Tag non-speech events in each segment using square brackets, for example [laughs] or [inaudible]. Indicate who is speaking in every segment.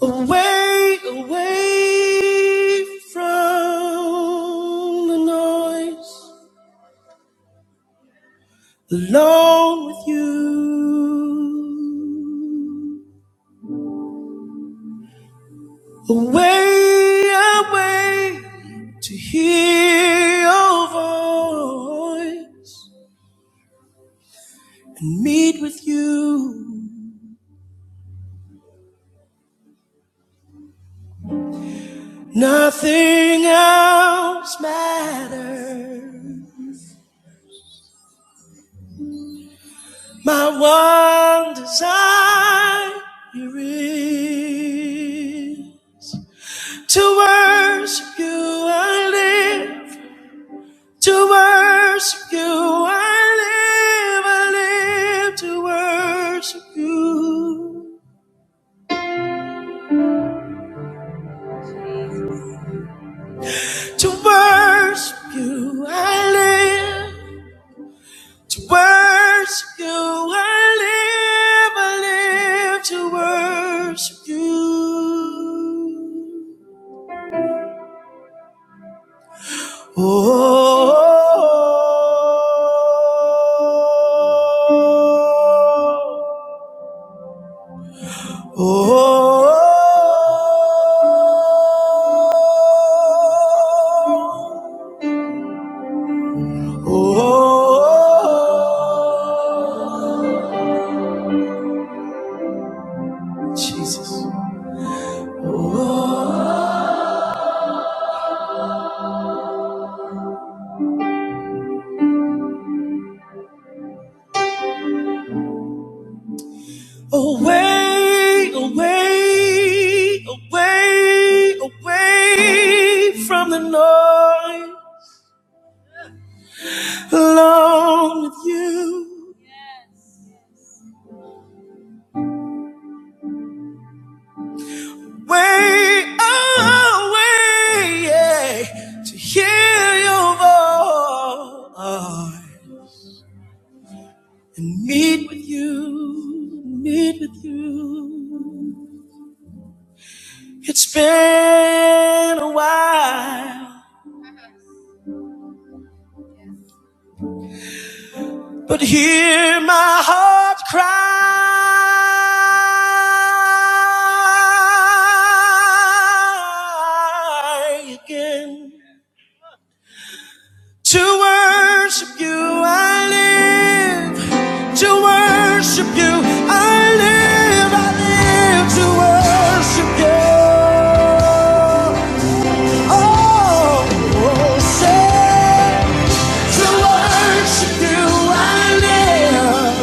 Speaker 1: Away, away from the noise, alone with you. Away, away to hear your voice and meet with you. Nothing else matters. My one desire is To worship you I live. To worship you I live. I live to worship you. To worship you I live. To worship you I live. I live to worship you. Oh. Oh, oh, oh, Jesus. Oh, away, away, away, away from the noise, alone with you. Way away, yeah, to hear your voice and meet with you, meet with you. It's been a while, but hear my heart cry again. To worship you, I live. To worship you, I live. I live to worship you. Oh, oh say, to worship you, I live.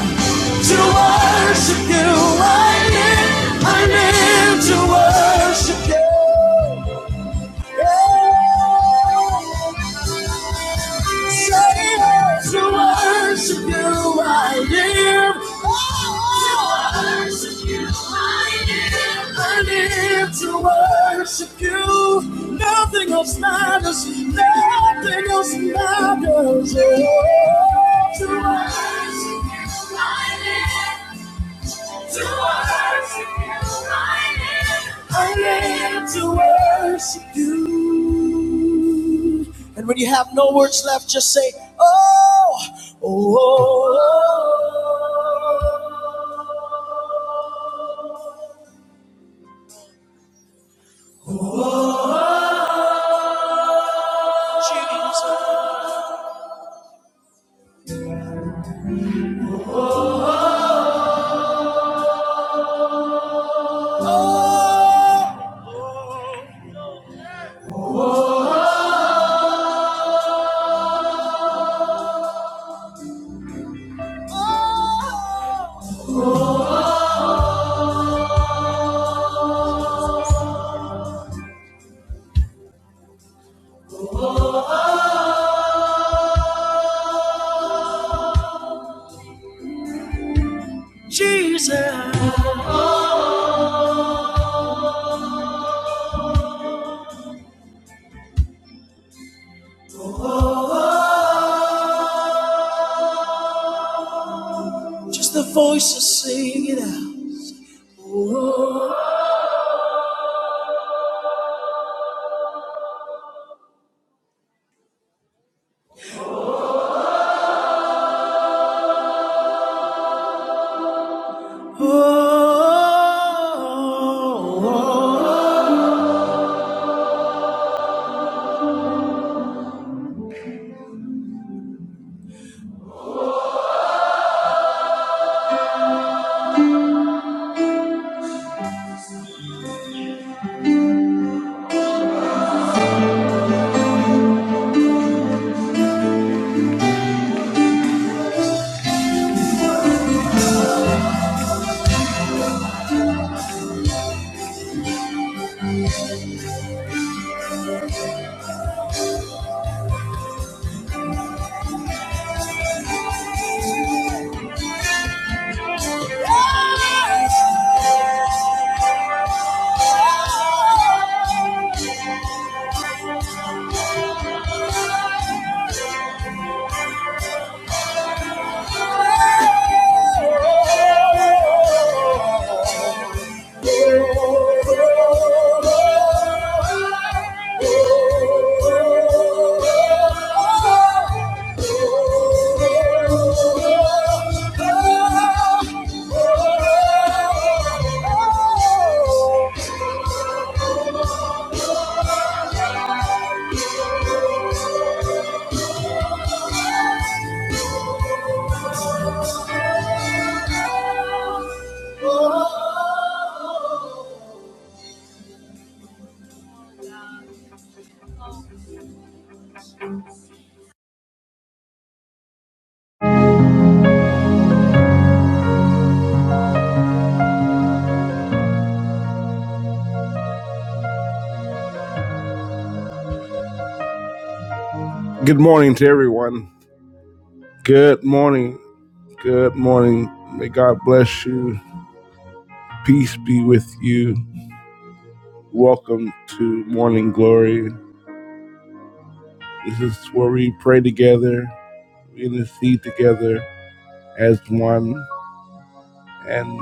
Speaker 1: To worship you, I live. I live to worship you. Yeah. Say to worship you I live. Oh, to worship you I live. I live to worship you. Nothing else matters. Nothing else matters. Oh, to worship you I live. To worship you, I live to worship you. And when you have no words left, just say, Oh, oh, oh, oh, Jesus. Oh, oh, oh, Jesus. Just the voices sing it out. Oh, oh, oh, oh, oh. oh, you. Good morning to everyone. Good morning. Good morning. May God bless you. Peace be with you. Welcome to Morning Glory. This is where we pray together, we intercede together as one, and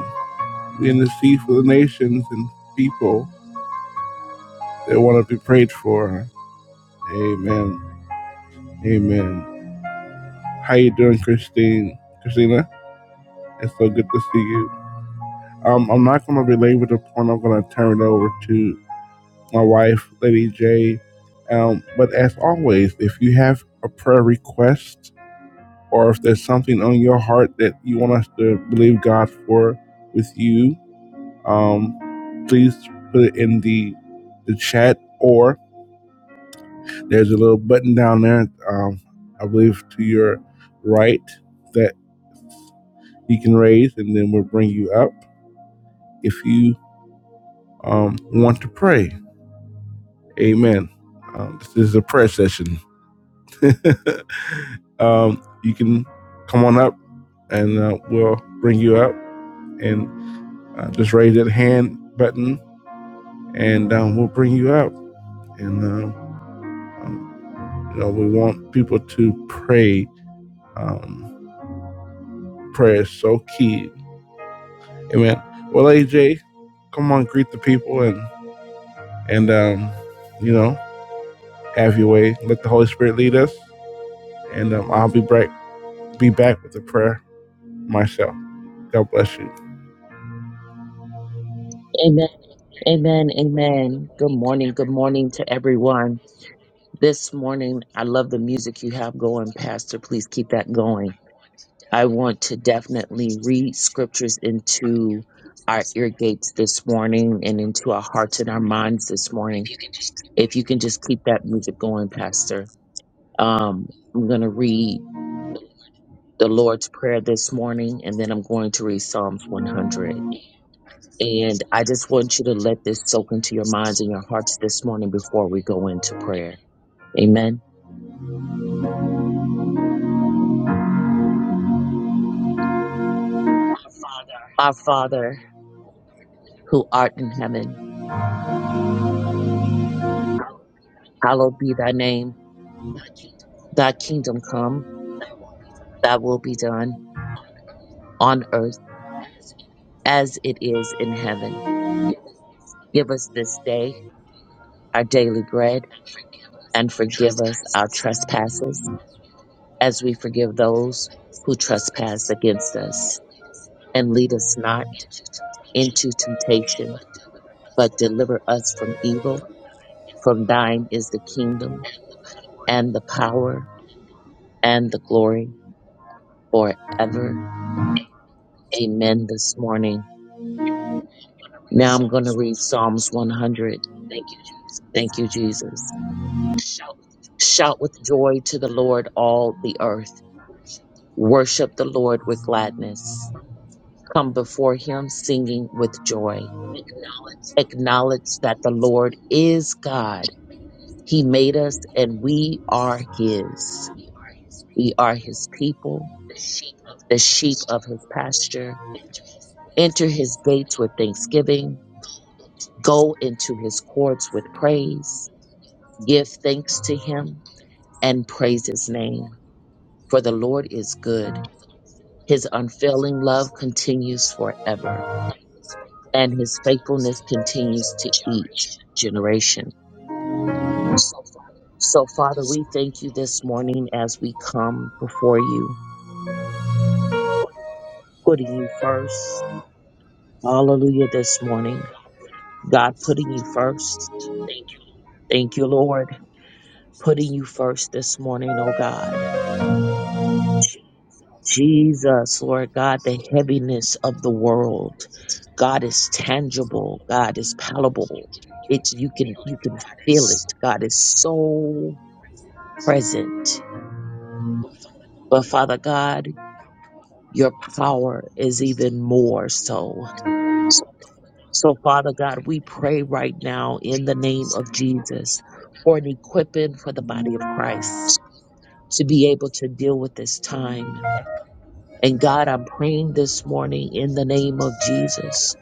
Speaker 1: we intercede for the nations and people that want to be prayed for. Amen. Amen. How you doing, Christine? Christina, it's so good to see you. Um, I'm not going to belabor the point. I'm going to turn it over to my wife, Lady J. Um, but as always, if you have a prayer request or if there's something on your heart that you want us to believe God for with you, um, please put it in the the chat or there's a little button down there, um, I believe to your right that you can raise and then we'll bring you up if you um, want to pray. Amen. Um, this is a prayer session. [laughs] um, you can come on up and uh, we'll bring you up and uh, just raise that hand button and um, we'll bring you up. And, um, um, you know, we want people to pray. Um, prayer is so key. Amen. Well, AJ, come on, greet the people and, and um, you know, have your way. Let the Holy Spirit lead us. And um, I'll be back, be back with the prayer. myself. God bless you.
Speaker 2: Amen, amen. Good morning, good morning to everyone. This morning, I love the music you have going, Pastor. Please keep that going. I want to definitely read scriptures into our ear gates this morning and into our hearts and our minds this morning. If you can just keep that music going, Pastor. Um, I'm going to read the Lord's Prayer this morning, and then I'm going to read Psalms 100. And I just want you to let this soak into your minds and your hearts this morning before we go into prayer. Amen. Our Father, who art in heaven, hallowed be thy name. Thy kingdom come, thy will be done on earth as it is in heaven. Give us this day our daily bread and forgive us our trespasses as we forgive those who trespass against us. And lead us not into temptation, but deliver us from evil. For thine is the kingdom and the power and the glory forever. Amen. This morning. Now I'm going to read Psalms 100. Thank you, Jesus. Shout with joy to the Lord, all the earth. Worship the Lord with gladness. Come before him singing with joy. Acknowledge that the Lord is God. He made us and we are his. We are his people, the sheep of his pasture Enter his gates with thanksgiving. Go into his courts with praise. Give thanks to him and praise his name. For the Lord is good. His unfailing love continues forever, and his faithfulness continues to each generation. So, Father, we thank you this morning as we come before you, putting you first. Hallelujah, this morning. God, putting you first. Thank you, Lord, putting you first this morning, oh God Jesus, Lord God, the heaviness of the world. God is tangible. God is palatable. It's you can you can feel it. God is so present. But Father God, your power is even more so. So Father God, we pray right now in the name of Jesus for an equipping for the body of Christ to be able to deal with this time. And God, I'm praying this morning in the name of Jesus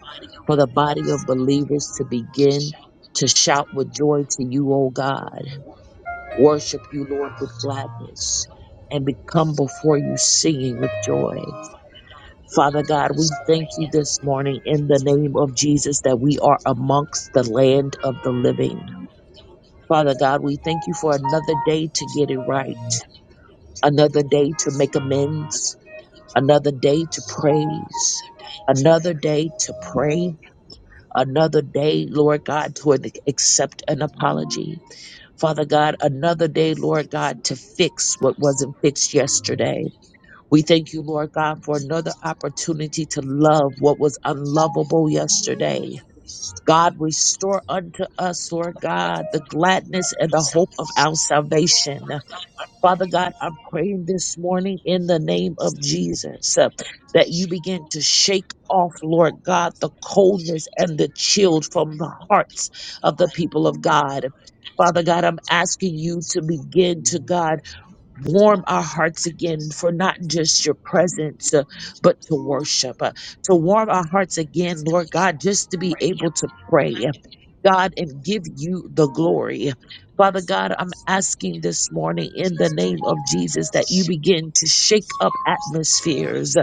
Speaker 2: for the body of believers to begin to shout with joy to you, O God, worship you, Lord, with gladness, and become before you singing with joy. Father God, we thank you this morning in the name of Jesus that we are amongst the land of the living. Father God, we thank you for another day to get it right, another day to make amends, another day to praise, another day to pray, another day, Lord God, to an- accept an apology. Father God, another day, Lord God, to fix what wasn't fixed yesterday. We thank you, Lord God, for another opportunity to love what was unlovable yesterday. God, restore unto us, Lord God, the gladness and the hope of our salvation. Father God, I'm praying this morning in the name of Jesus uh, that you begin to shake off, Lord God, the coldness and the chill from the hearts of the people of God. Father God, I'm asking you to begin to, God warm our hearts again for not just your presence, uh, but to worship, uh, to warm our hearts again, Lord God, just to be able to pray. uh, God, and give you the glory. Father God, I'm asking this morning in the name of Jesus that you begin to shake up atmospheres.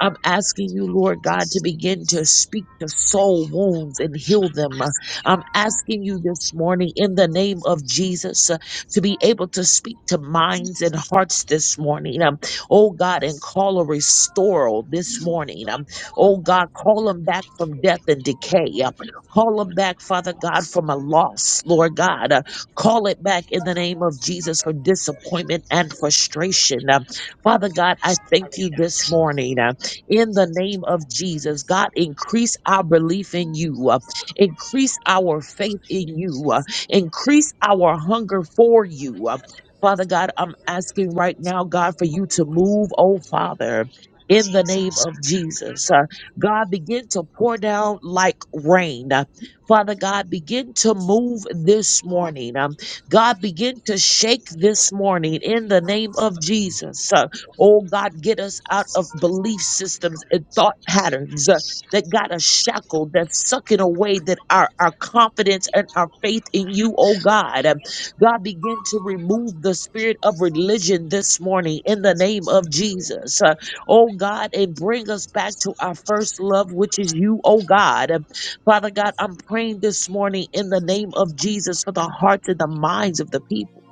Speaker 2: I'm asking you, Lord God, to begin to speak to soul wounds and heal them. I'm asking you this morning in the name of Jesus to be able to speak to minds and hearts this morning. Um, oh God, and call a restoral this morning. Um, oh God, call them back from death and decay. Um, call them back, Father God, from a loss, Lord God. Uh, call it back in the name of Jesus for disappointment and frustration. Um, Father God, I thank you this morning. uh, in the name of Jesus, God, increase our belief in you. uh, increase our faith in you. Uh, Increase our hunger for you. Uh, Father God, I'm asking right now, God, for you to move, oh Father, in the name of Jesus. Uh, God, begin to pour down like rain. Uh, Father God, begin to move this morning. Um, God, begin to shake this morning in the name of Jesus. Uh, oh God, get us out of belief systems and thought patterns. Uh, that got us shackled, that's sucking away that our, our confidence and our faith in you, oh God. Um, God, begin to remove the spirit of religion this morning in the name of Jesus. Uh, oh God, and bring us back to our first love, which is you, oh God. Um, Father God, I'm praying this morning in the name of Jesus for the hearts and the minds of the people.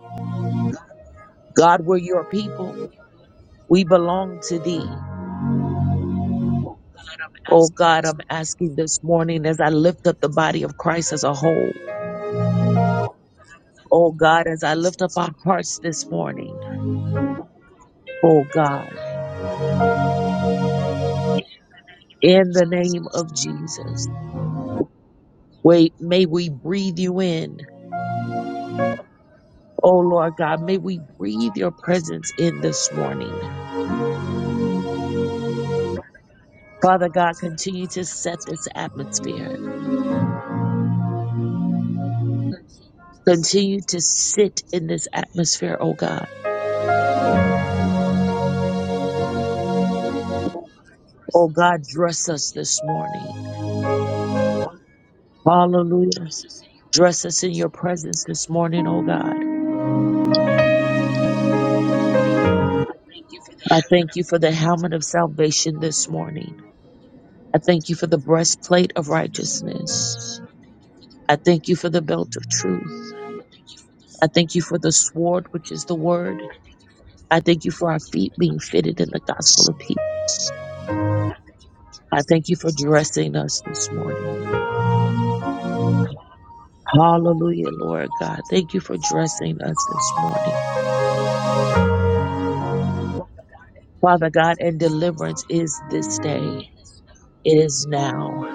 Speaker 2: God, we're your people. We belong to thee. Oh God, I'm asking this morning as I lift up the body of Christ as a whole. Oh God, as I lift up our hearts this morning, oh God, in the name of Jesus, wait, may we breathe you in. Oh Lord God, may we breathe your presence in this morning. Father God, continue to set this atmosphere. Continue to sit in this atmosphere, oh God. Oh God, dress us this morning. Hallelujah. Dress us in your presence this morning, oh God. I thank you for the helmet of salvation this morning. I thank you for the breastplate of righteousness. I thank you for the belt of truth. I thank you for the sword, which is the word. I thank you for our feet being fitted in the gospel of peace. I thank you for dressing us this morning. Hallelujah, Lord God. Thank you for dressing us this morning. Father God, and deliverance is this day. It is now.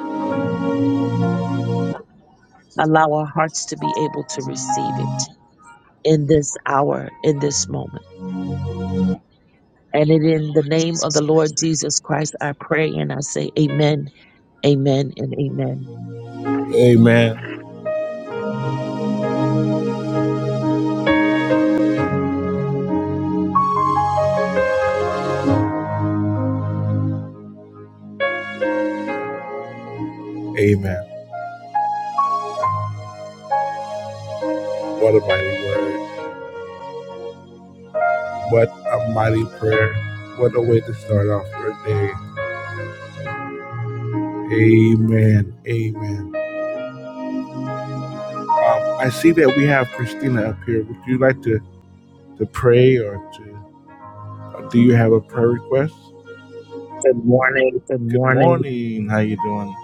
Speaker 2: Allow our hearts to be able to receive it in this hour, in this moment. And it in the name of the Lord Jesus Christ, I pray and I say amen, amen, and amen.
Speaker 1: Amen. Amen. What a mighty word. What a mighty prayer. What a way to start off your day. Amen. Amen. Um, I see that we have Christina up here. Would you like to, to pray or to or do you have a prayer request?
Speaker 3: Good
Speaker 1: Good
Speaker 3: morning.
Speaker 1: morning. How you doing?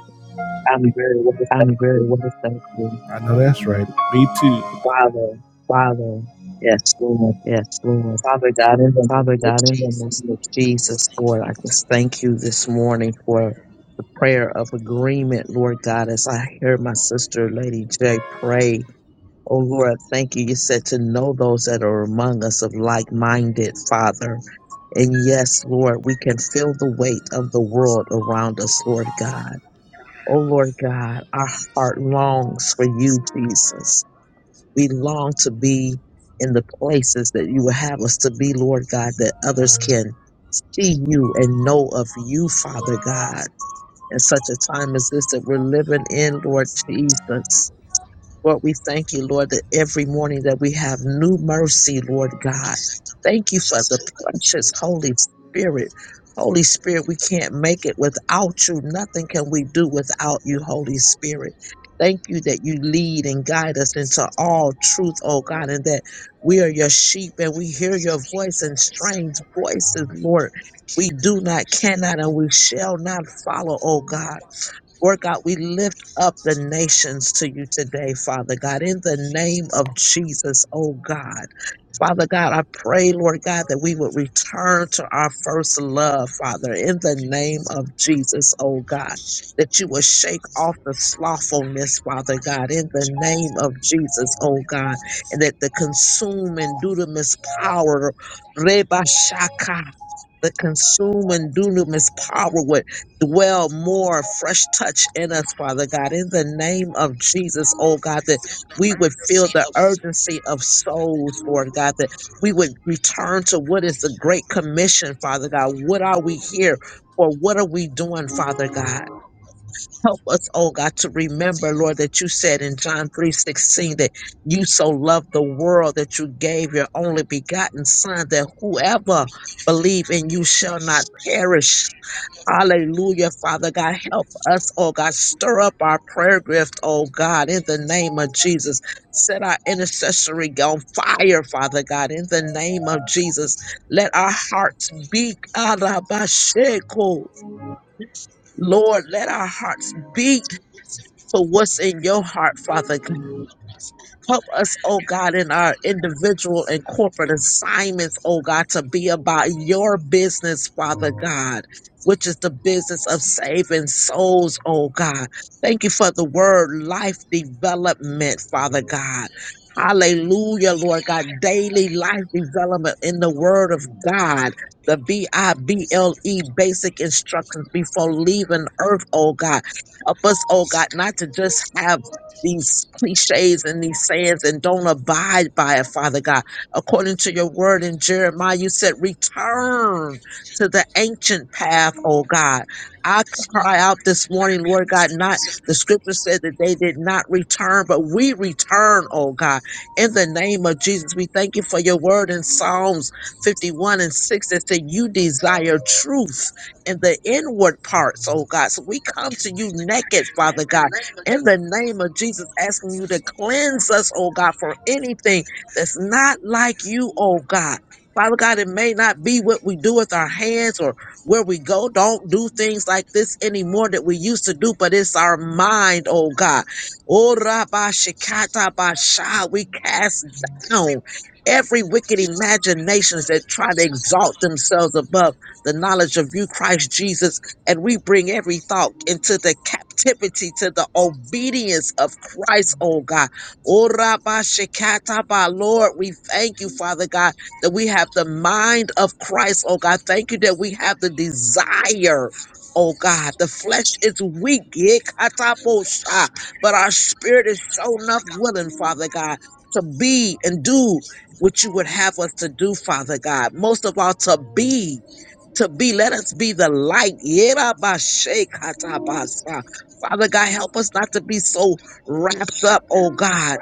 Speaker 3: I'm very well, thank you.
Speaker 1: I know that's right. Me too.
Speaker 3: Father, yes, Lord. Father God, in the name of Jesus, Lord, I just thank you this morning for the prayer of agreement, Lord God, as I hear my sister, Lady J, pray. Oh, Lord, thank you. You said to know those that are among us of like minded, Father. And yes, Lord, we can feel the weight of the world around us, Lord God. Oh, Lord God, our heart longs for you, Jesus. We long to be in the places that you would have us to be, Lord God, that others can see you and know of you, Father God, in such a time as this that we're living in, Lord Jesus. Lord, we thank you, Lord, that every morning that we have new mercy, Lord God. Thank you for the precious Holy Spirit. Holy Spirit, we can't make it without you. Nothing can we do without you, Holy Spirit. Thank you that you lead and guide us into all truth, oh God, and that we are your sheep and we hear your voice and strange voices, Lord. We do not, cannot, and we shall not follow, oh God. Lord God, we lift up the nations to you today, Father God, in the name of Jesus, oh God. Father God, I pray, Lord God, that we would return to our first love, Father, in the name of Jesus, oh God. That you would shake off the slothfulness, Father God, in the name of Jesus, oh God, and that the consuming dunamis power, Reba the consuming dunamis power would dwell more fresh touch in us, Father God. In the name of Jesus, oh God, that we would feel the urgency of souls, Lord God, that we would return to what is the Great Commission, Father God. What are we here for? What are we doing, Father God? Help us, oh God, to remember, Lord, that you said in John three sixteen that you so loved the world that you gave your only begotten Son, that whoever believe in you shall not perish. Hallelujah, Father God. Help us, oh God. Stir up our prayer gift, oh God, in the name of Jesus. Set our intercessory on fire, Father God, in the name of Jesus. Let our hearts beat. Arabasheko. Lord, let our hearts beat to what's in your heart, Father God. Help us, oh God, in our individual and corporate assignments, oh God, to be about your business, Father God, which is the business of saving souls, oh God. Thank you for the word life development, Father God. Hallelujah, Lord God. Daily life development in the word of God. The B I B L E basic instructions before leaving earth, oh God. Help us, oh God, not to just have these cliches and these sayings and don't abide by it, Father God. According to your word in Jeremiah, you said, Return to the ancient path, oh God. I cry out this morning, Lord God, not the scripture said that they did not return, but we return, oh God. In the name of Jesus, we thank you for your word in Psalms 51 and 6 that said you desire truth in the inward parts, oh God. So we come to you naked, Father God in the name of Jesus, asking you to cleanse us, oh God, for anything that's not like you, oh God. Father God, it may not be what we do with our hands or where we go. Don't do things like this anymore that we used to do, but it's our mind, oh God. Oh, Rabba Shikata Basha, we cast down every wicked imaginations that try to exalt themselves above the knowledge of you, Christ Jesus, and we bring every thought into the captivity to the obedience of Christ, oh God. Oh, Rabba Shekata ba. Lord, we thank you, Father God, that we have the mind of Christ, oh God. Thank you that we have the desire. Oh God, the flesh is weak, yeah, kataposha, but our spirit is shown up willing, Father God, to be and do what you would have us to do, Father God. Most of all, to be to be. Let us be the light. Yerabashekatabasa. Father God, help us not to be so wrapped up, oh God,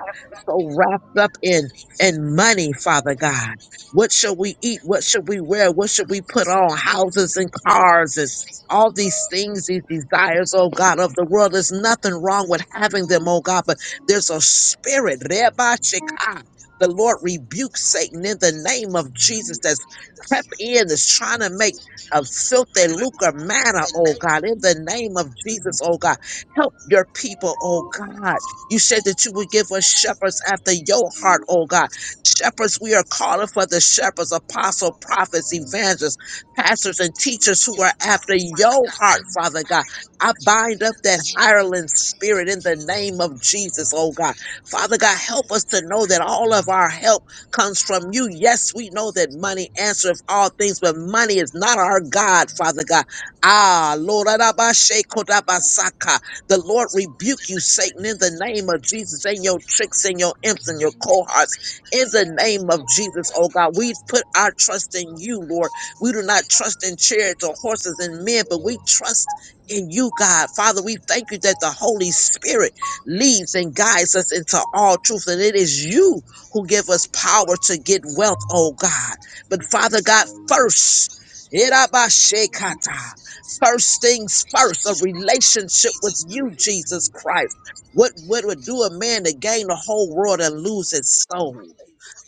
Speaker 3: so wrapped up in in money, Father God. What shall we eat? What should we wear? What should we put on? Houses and cars and all these things, these desires, oh God, of the world. There's nothing wrong with having them, oh God, but there's a spirit. Rebasheka. The Lord rebukes Satan in the name of Jesus that's crept in, that's trying to make of filth and lucre manner, oh God, in the name of Jesus, oh God. Help your people, oh God. You said that you would give us shepherds after your heart, oh God. Shepherds, we are calling for the shepherds, apostle, prophets, evangelists, pastors, and teachers who are after your heart, Father God. I bind up that hireling spirit in the name of Jesus, oh God. Father God, help us to know that all of our help comes from you. Yes, we know that money answers all things, but money is not our God, Father God. Ah, Lord, Adabashekodabasaka. the Lord rebuke you, Satan, in the name of Jesus, and your tricks and your imps and your cohorts. In the name of Jesus, oh God, we put our trust in you, Lord. We do not trust in chariots or horses and men, but we trust in you, God. Father, we thank you that the Holy Spirit leads and guides us into all truth, and it is you who give us power to get wealth, oh God. But Father God, first, Irabashekata, first things first, a relationship with you, Jesus Christ. What, what would do a man to gain the whole world and lose his soul?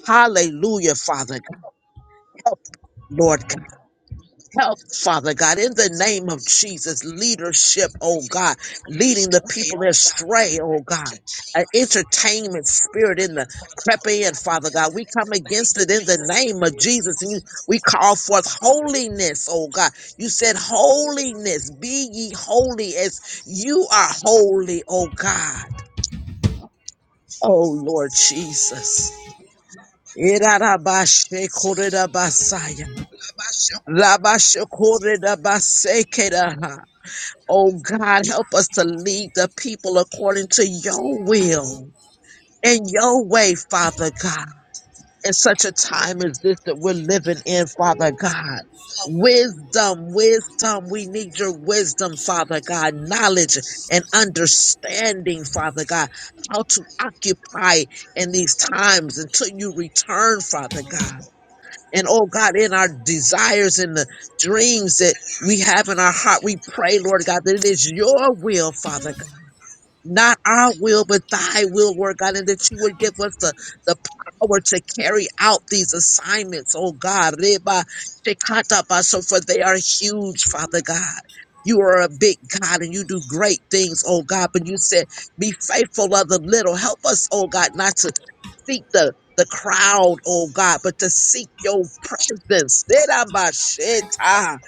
Speaker 3: Hallelujah, Father God. Help, Lord God. Help, Father God, in the name of Jesus, leadership, oh God, leading the people astray, oh God, an entertainment spirit in the crepe in, Father God. We come against it in the name of Jesus and you, we call forth holiness, oh God. You said, Holiness, be ye holy as you are holy, oh God. Oh Lord Jesus. Irarabashekoredabasaya. Rabashekoredabasekedaha. Oh God, help us to lead the people according to your will and your way, Father God. In such a time as this that we're living in, Father God. Wisdom, wisdom. We need your wisdom, Father God. Knowledge and understanding, Father God. How to occupy in these times until you return, Father God. And oh God, in our desires and the dreams that we have in our heart, we pray, Lord God, that it is your will, Father God. Not our will, but thy will, Lord God, and that you would give us the, the power to carry out these assignments, oh God. Reba shekata so For they are huge, Father God. You are a big God and you do great things, oh God. But you said, be faithful of the little. Help us, oh God, not to seek the the crowd, oh God, but to seek your presence. Erabasheta.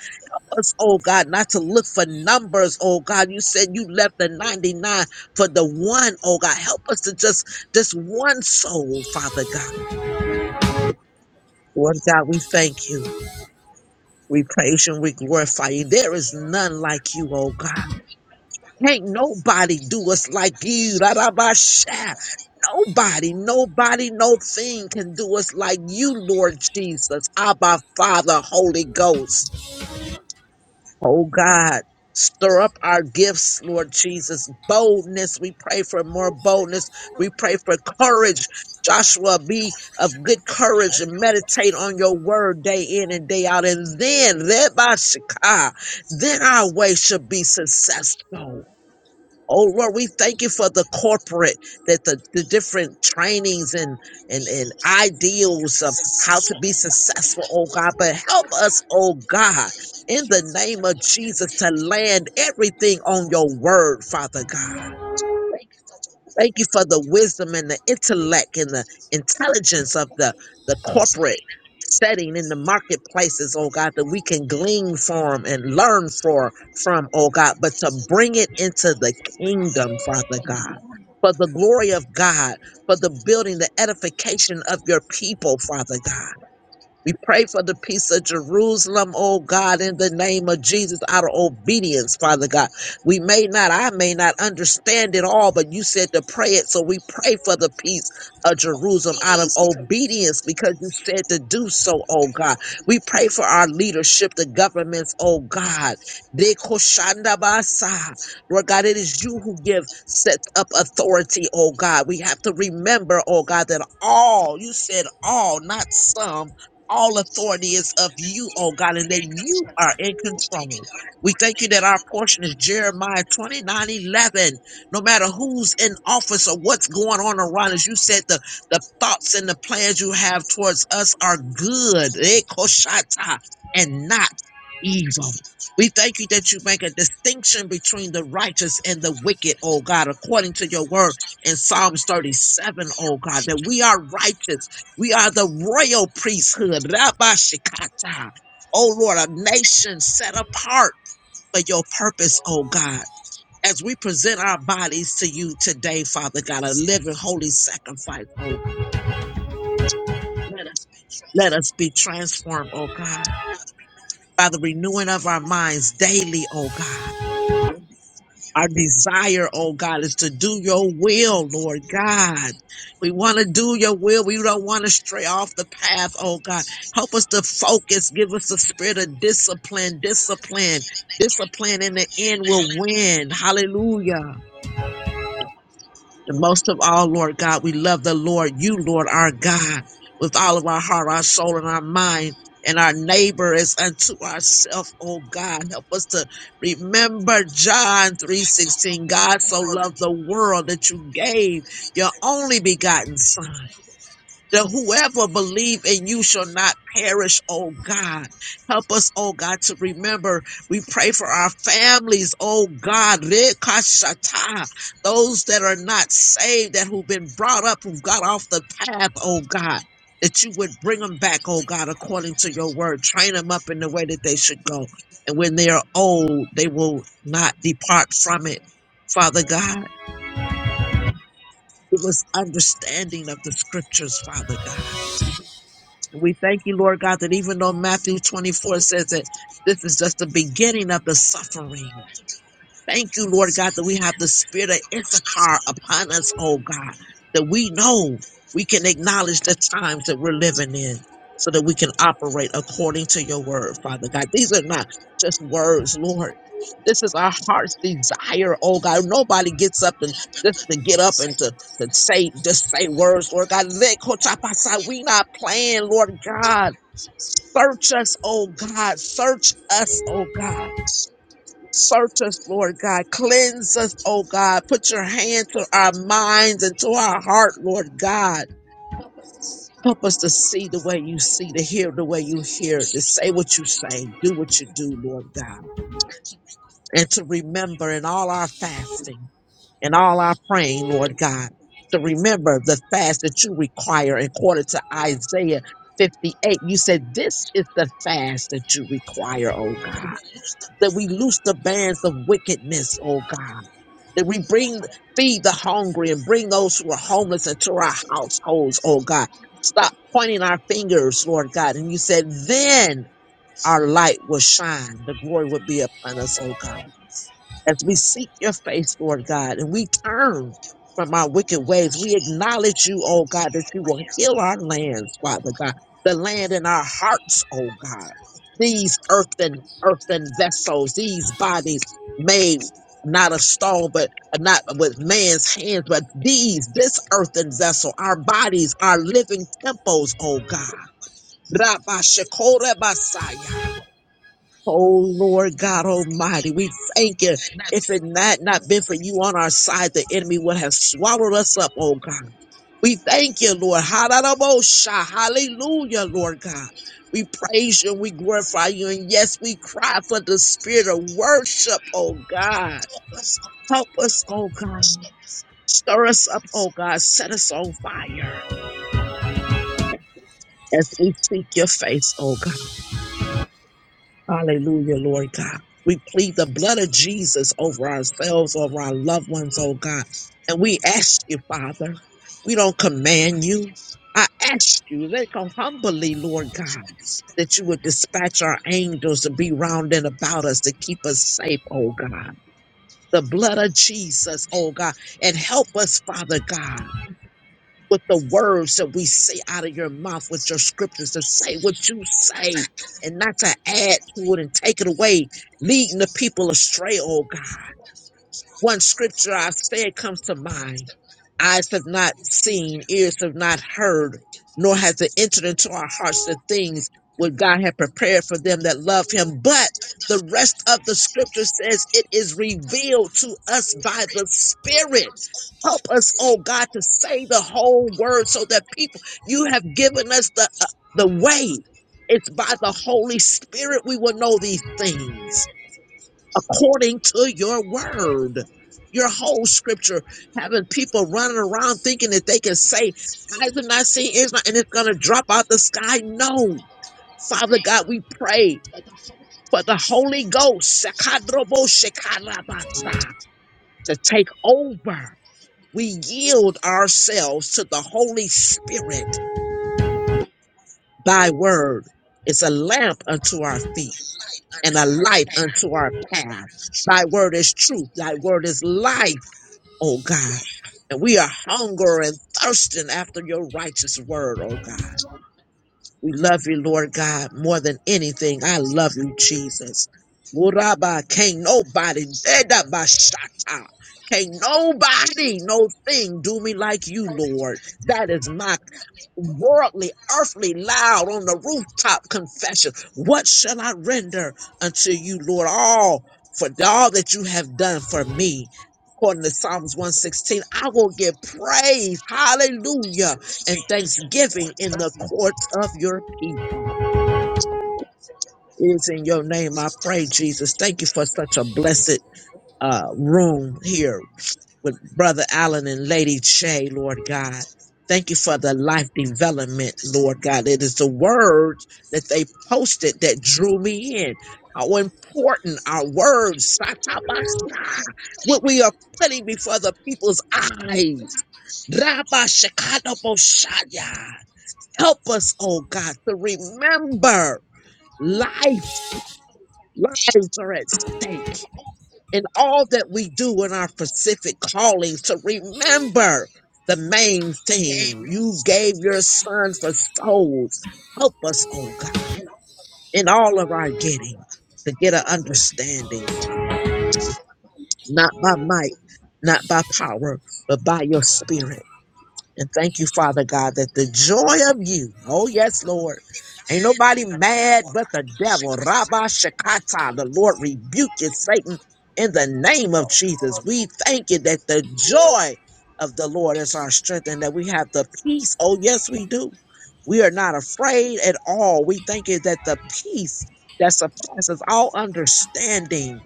Speaker 3: Us, oh God, not to look for numbers, oh God. You said you left the 99 for the one, oh God. Help us to just this one soul, Father God. Lord God, we thank you. We praise you and we glorify you. There is none like you, oh God. Can't nobody do us like you. Ra-ra-ba-sha. Nobody, nobody, no thing can do us like you, Lord Jesus, Abba, Father, Holy Ghost. Oh God, stir up our gifts, Lord Jesus. Boldness, we pray for more boldness. We pray for courage. Joshua, be of good courage and meditate on your word day in and day out. And then, thereby, Shaka, then our way shall be successful. Oh Lord, we thank you for the corporate that the, the different trainings and, and and ideals of how to be successful, oh God. But help us, oh God, in the name of Jesus, to land everything on your word, Father God. Thank you for the wisdom and the intellect and the intelligence of the, the corporate setting in the marketplaces, oh God, that we can glean from and learn for from, oh God, but to bring it into the kingdom, Father God. For the glory of God, for the building, the edification of your people, Father God. We pray for the peace of Jerusalem, oh God, in the name of Jesus, out of obedience, Father God. We may not, I may not understand it all, but you said to pray it. So we pray for the peace of Jerusalem out of obedience because you said to do so, oh God. We pray for our leadership, the governments, oh God. Dekoshandabasa. Lord God, it is you who give, sets up authority, oh God. We have to remember, oh God, that all, you said all, not some all authority is of you, oh God, and that you are in control. We thank you that our portion is Jeremiah 29 11. No matter who's in office or what's going on around us, you said the, the thoughts and the plans you have towards us are good eh, koshata, and not evil. We thank you that you make a distinction between the righteous and the wicked, oh God, according to your word in Psalms 37, O God, that we are righteous we are the royal priesthood. Rabba Shikata. Oh Lord, a nation set apart for your purpose, oh God. As we present our bodies to you today, Father God, a living holy sacrifice, oh God. Let us be transformed, oh God, by the renewing of our minds daily, oh God. Our desire, oh God, is to do your will, Lord God. We want to do your will. We don't want to stray off the path, oh God. Help us to focus. Give us the spirit of discipline, discipline, discipline in the end will win. Hallelujah. And most of all, Lord God, we love the Lord, you, Lord our God, with all of our heart, our soul, and our mind, and our neighbor is unto ourself, oh God. Help us to remember John 3.16. God so loved the world that you gave your only begotten son that whoever believe in you shall not perish, oh God. Help us, oh God, to remember. We pray for our families, oh God. Rekashata. Those that are not saved, that who've been brought up, who've got off the path, oh God. That you would bring them back, oh God, according to your word. Train them up in the way that they should go. And when they are old, they will not depart from it. Father God, give us understanding of the scriptures, Father God. We thank you, Lord God, that even though Matthew 24 says that this is just the beginning of the suffering, Thank you, Lord God, that we have the spirit of Issachar upon us, oh God, that we know we can acknowledge the times that we're living in so that we can operate according to your word, Father God. These are not just words, Lord. This is our heart's desire, oh God. Nobody gets up and just to get up and to, to say, just say words, Lord God. Let Kotapasa, We not playing, Lord God. Search us, oh God. Search us, oh God Search us, Lord God. Cleanse us, oh God. Put your hand to our minds and to our heart, Lord God. Help us to see the way you see, to hear the way you hear, to say what you say, do what you do, Lord God. And to remember in all our fasting and all our praying, Lord God, to remember the fast that you require according to Isaiah 58. You said, This is the fast that you require, oh God that we loose the bands of wickedness, oh God. That we bring, feed the hungry and bring those who are homeless into our households, oh God. Stop pointing our fingers, Lord God. And you said, then our light will shine. The glory would be upon us, oh God as we seek your face, Lord God, and we turn from our wicked ways. We acknowledge you, oh God, that you will heal our lands, Father God, the land in our hearts, oh God. These earthen, earthen vessels, these bodies made not of stone, but not with man's hands, but these, this earthen vessel, our bodies, our living temples, oh God. Rabba Oh Lord God Almighty, we thank you. If it had not been for you on our side, the enemy would have swallowed us up, oh God. We thank you, Lord. Hallelujah, hallelujah, Lord God. We praise you and we glorify you. And yes, we cry for the spirit of worship, oh God. Help us, oh God. Stir us up, oh God. Set us on fire as we seek your face, oh God. Hallelujah, Lord God. We plead the blood of Jesus over ourselves, over our loved ones, oh God. And we ask you, Father, we don't command you. I ask you, let go humbly, Lord God, that you would dispatch our angels to be round and about us to keep us safe, oh God. The blood of Jesus, oh God, and help us, Father God with the words that we say out of your mouth, with your scriptures, to say what you say and not to add to it and take it away, leading the people astray, oh God. One scripture I've said comes to mind. Eyes have not seen, ears have not heard, nor has it entered into our hearts the things what God had prepared for them that love him. But the rest of the scripture says it is revealed to us by the Spirit. Help us, oh God, to say the whole word so that people, you have given us the, uh, the way. It's by the Holy Spirit we will know these things according to your word. Your whole scripture, having people running around thinking that they can say, Eyes have not seen, ears not, and it's going to drop out the sky. No. Father God, we pray for the Holy Ghost Shakadrobo Shekarabasa, to take over. We yield ourselves to the Holy Spirit. Thy word is a lamp unto our feet and a light unto our path. Thy word is truth. Thy word is life. oh God. And we are hunger and thirsting after your righteous word, oh God. We love you, Lord God, more than anything. I love you, Jesus. Muraba, can't nobody, Edabashata, can't nobody, no thing do me like you, Lord. That is my worldly, earthly, loud on the rooftop confession. What shall I render unto you, Lord, all for all that you have done for me? According to Psalms 116, I will give praise, hallelujah, and thanksgiving in the courts of your people. It is in your name I pray, Jesus. Thank you for such a blessed uh, room here with Brother Allen and Lady Shay, Lord God. Thank you for the life development, Lord God. It is the words that they posted that drew me in. How important our words, satabasa, what we are putting before the people's eyes. Rabba Shekanoboshaya. Help us, oh God, to remember life. Lives are at stake in all that we do in our specific callings to remember the main thing you gave your son for souls. Help us, oh God, in all of our getting to get an understanding, Father, not by might, not by power, but by your spirit. And thank you, Father God, that the joy of you, oh yes, Lord, ain't nobody mad but the devil. Rabba Shakata, the Lord rebuke you, Satan, in the name of Jesus. We thank you that the joy of the Lord is our strength and that we have the peace. Oh yes, we do. We are not afraid at all. We thank you that the peace that surpasses all understanding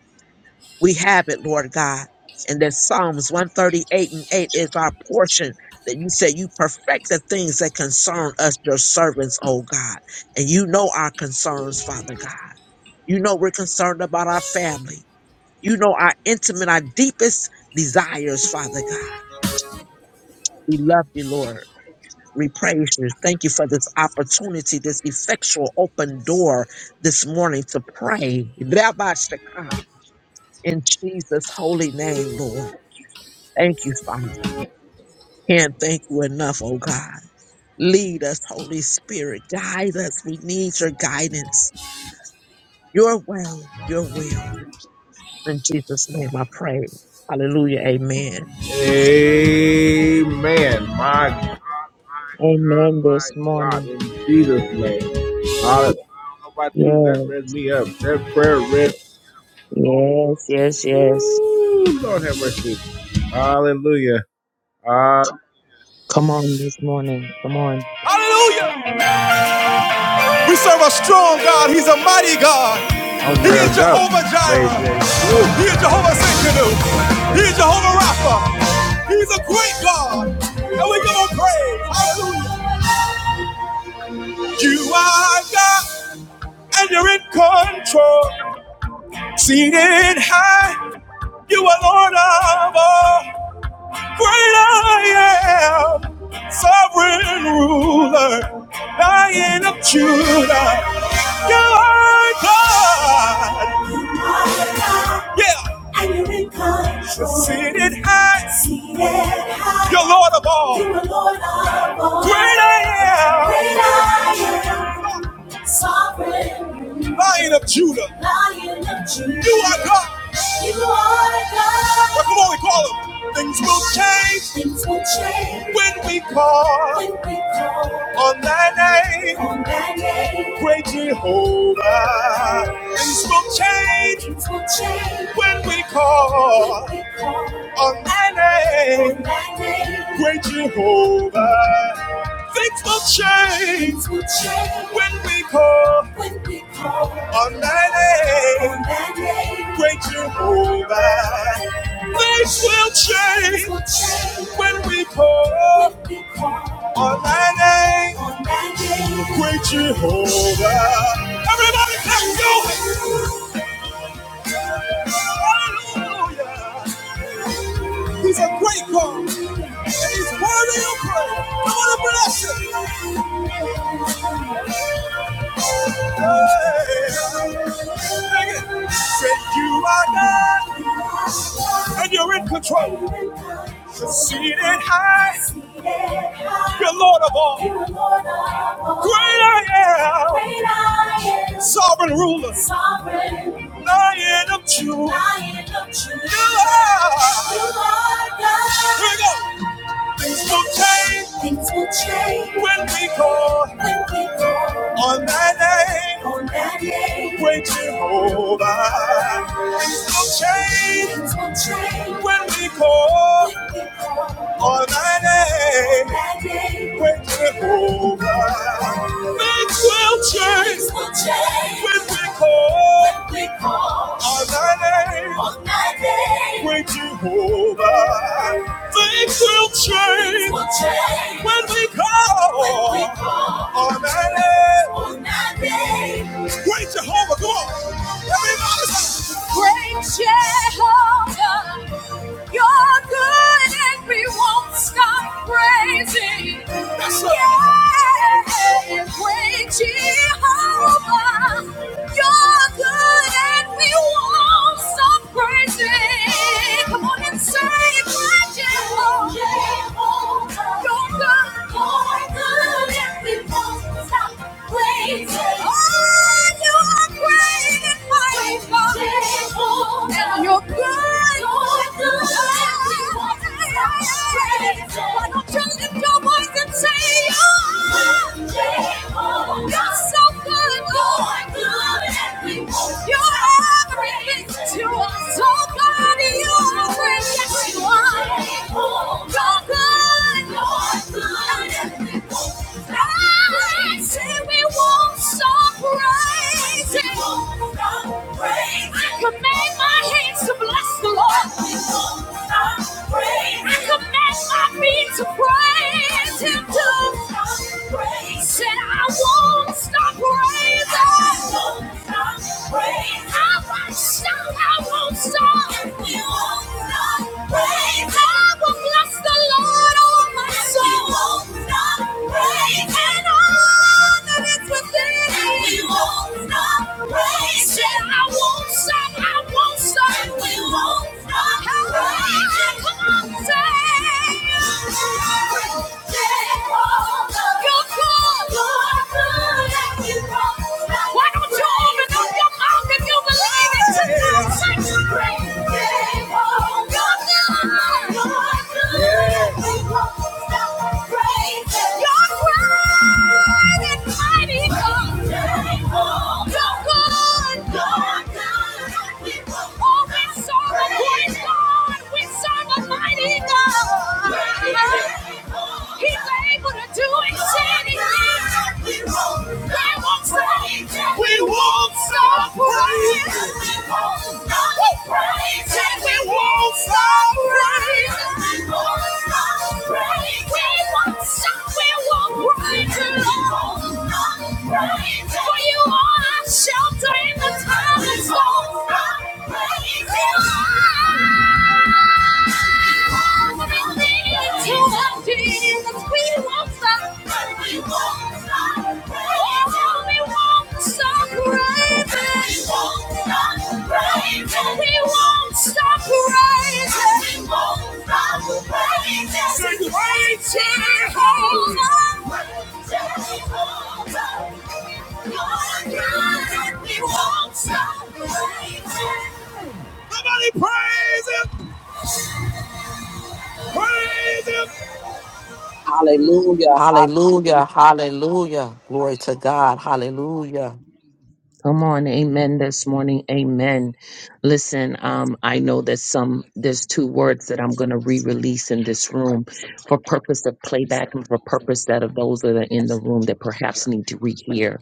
Speaker 3: we have it, Lord God. And that Psalms 138 and 8 is our portion that you said you perfect the things that concern us, your servants, oh God. And you know our concerns, Father God. You know we're concerned about our family. You know our intimate, our deepest desires, Father God. We love you, Lord. We praise you. Thank you for this opportunity, this effectual open door this morning to pray. Rabbi Shaka, In Jesus' holy name, Lord. Thank you, Father. Can't thank you enough, oh God. Lead us, Holy Spirit. Guide us. We need your guidance, your way, your will. In Jesus' name I pray. Hallelujah. Amen.
Speaker 1: Amen. My
Speaker 2: Amen
Speaker 1: My
Speaker 2: this
Speaker 1: God,
Speaker 2: morning.
Speaker 1: in Jesus' name. I, I don't know about you, that
Speaker 2: Yes,
Speaker 1: read me up. That prayer read.
Speaker 2: yes, yes, yes.
Speaker 1: Ooh, Lord have mercy. Hallelujah. Uh,
Speaker 2: Come on this morning. Come on.
Speaker 1: Hallelujah. We serve a strong God. He's a mighty God. I'm He is Jehovah Jireh. He is Jehovah Sinkanu. He is Jehovah Rapha. He's a great God. And we're going to praise. You are God and you're in control. Seated high. You are Lord of all. Great I am. Sovereign ruler. Lion of Judah. You are God. Yeah. And you're in control. Seated high. Seated high. You're Lord of all. You're Lord of all. Great I am. Great I am. Sovereign. Lion of Judah. Lion of Judah. You are God. You are God. Well, come on, we call him. Things will change. Things will change. When we call. When we call. On thy name. On thy name. Great Jehovah. Things will change. Things will change. When we call. When we call. On thy name. On thy name. Great Jehovah. Things will change, Things will change when we call, when we call on that name, great Jehovah. Things will change, Things will change when we call, when we call on that name, great Jehovah. Everybody, let's go! Hallelujah. He's a great God. Worthy of praise. I want to bless you. Hey. Said you are God and you're in control. Seated high, you're Lord of all. Great I am, sovereign ruler, lion of Judah. You are. Here we go. Things will change. Things will change. When we call. When we call. On that name. On that name. Great Jehovah. Things will change. Things will change. When we call. When we call. On that name. On that name. Great Jehovah. Things will change. Things will change. When we call. When we call. On that name. On that name. Great Jehovah. Things will change when we call When on that name. Great Jehovah, come on. Everybody. Great Jehovah, you're good and we won't stop praising. That's right. Yeah. Great Jehovah, you're good and we won't stop praising. Come on and sing. You're good. Why don't you lift your voice and say, Oh, you're so good, Lord. You're everything. Command my hands to bless the Lord. I command my feet to praise Him. To said I won't stop praising. Come on, say. you why don't you open up your mouth if you believe it to do such a great thing? Oh, God. You're great and mighty God. You're good. Oh, we serve a great God. We serve a mighty God. He's able to do exceedingly. We won't stop. We won't stop praying. We won't stop praising. We won't stop praising. We won't stop praising. We won't stop. We For you are our shelter in the time of storm. We will
Speaker 3: Hallelujah. Hallelujah. Glory to God. Hallelujah.
Speaker 2: Come on, amen this morning. Amen. Listen, um, I know that some there's two words that I'm gonna re-release in this room for purpose of playback and for purpose that of those that are in the room that perhaps need to rehear.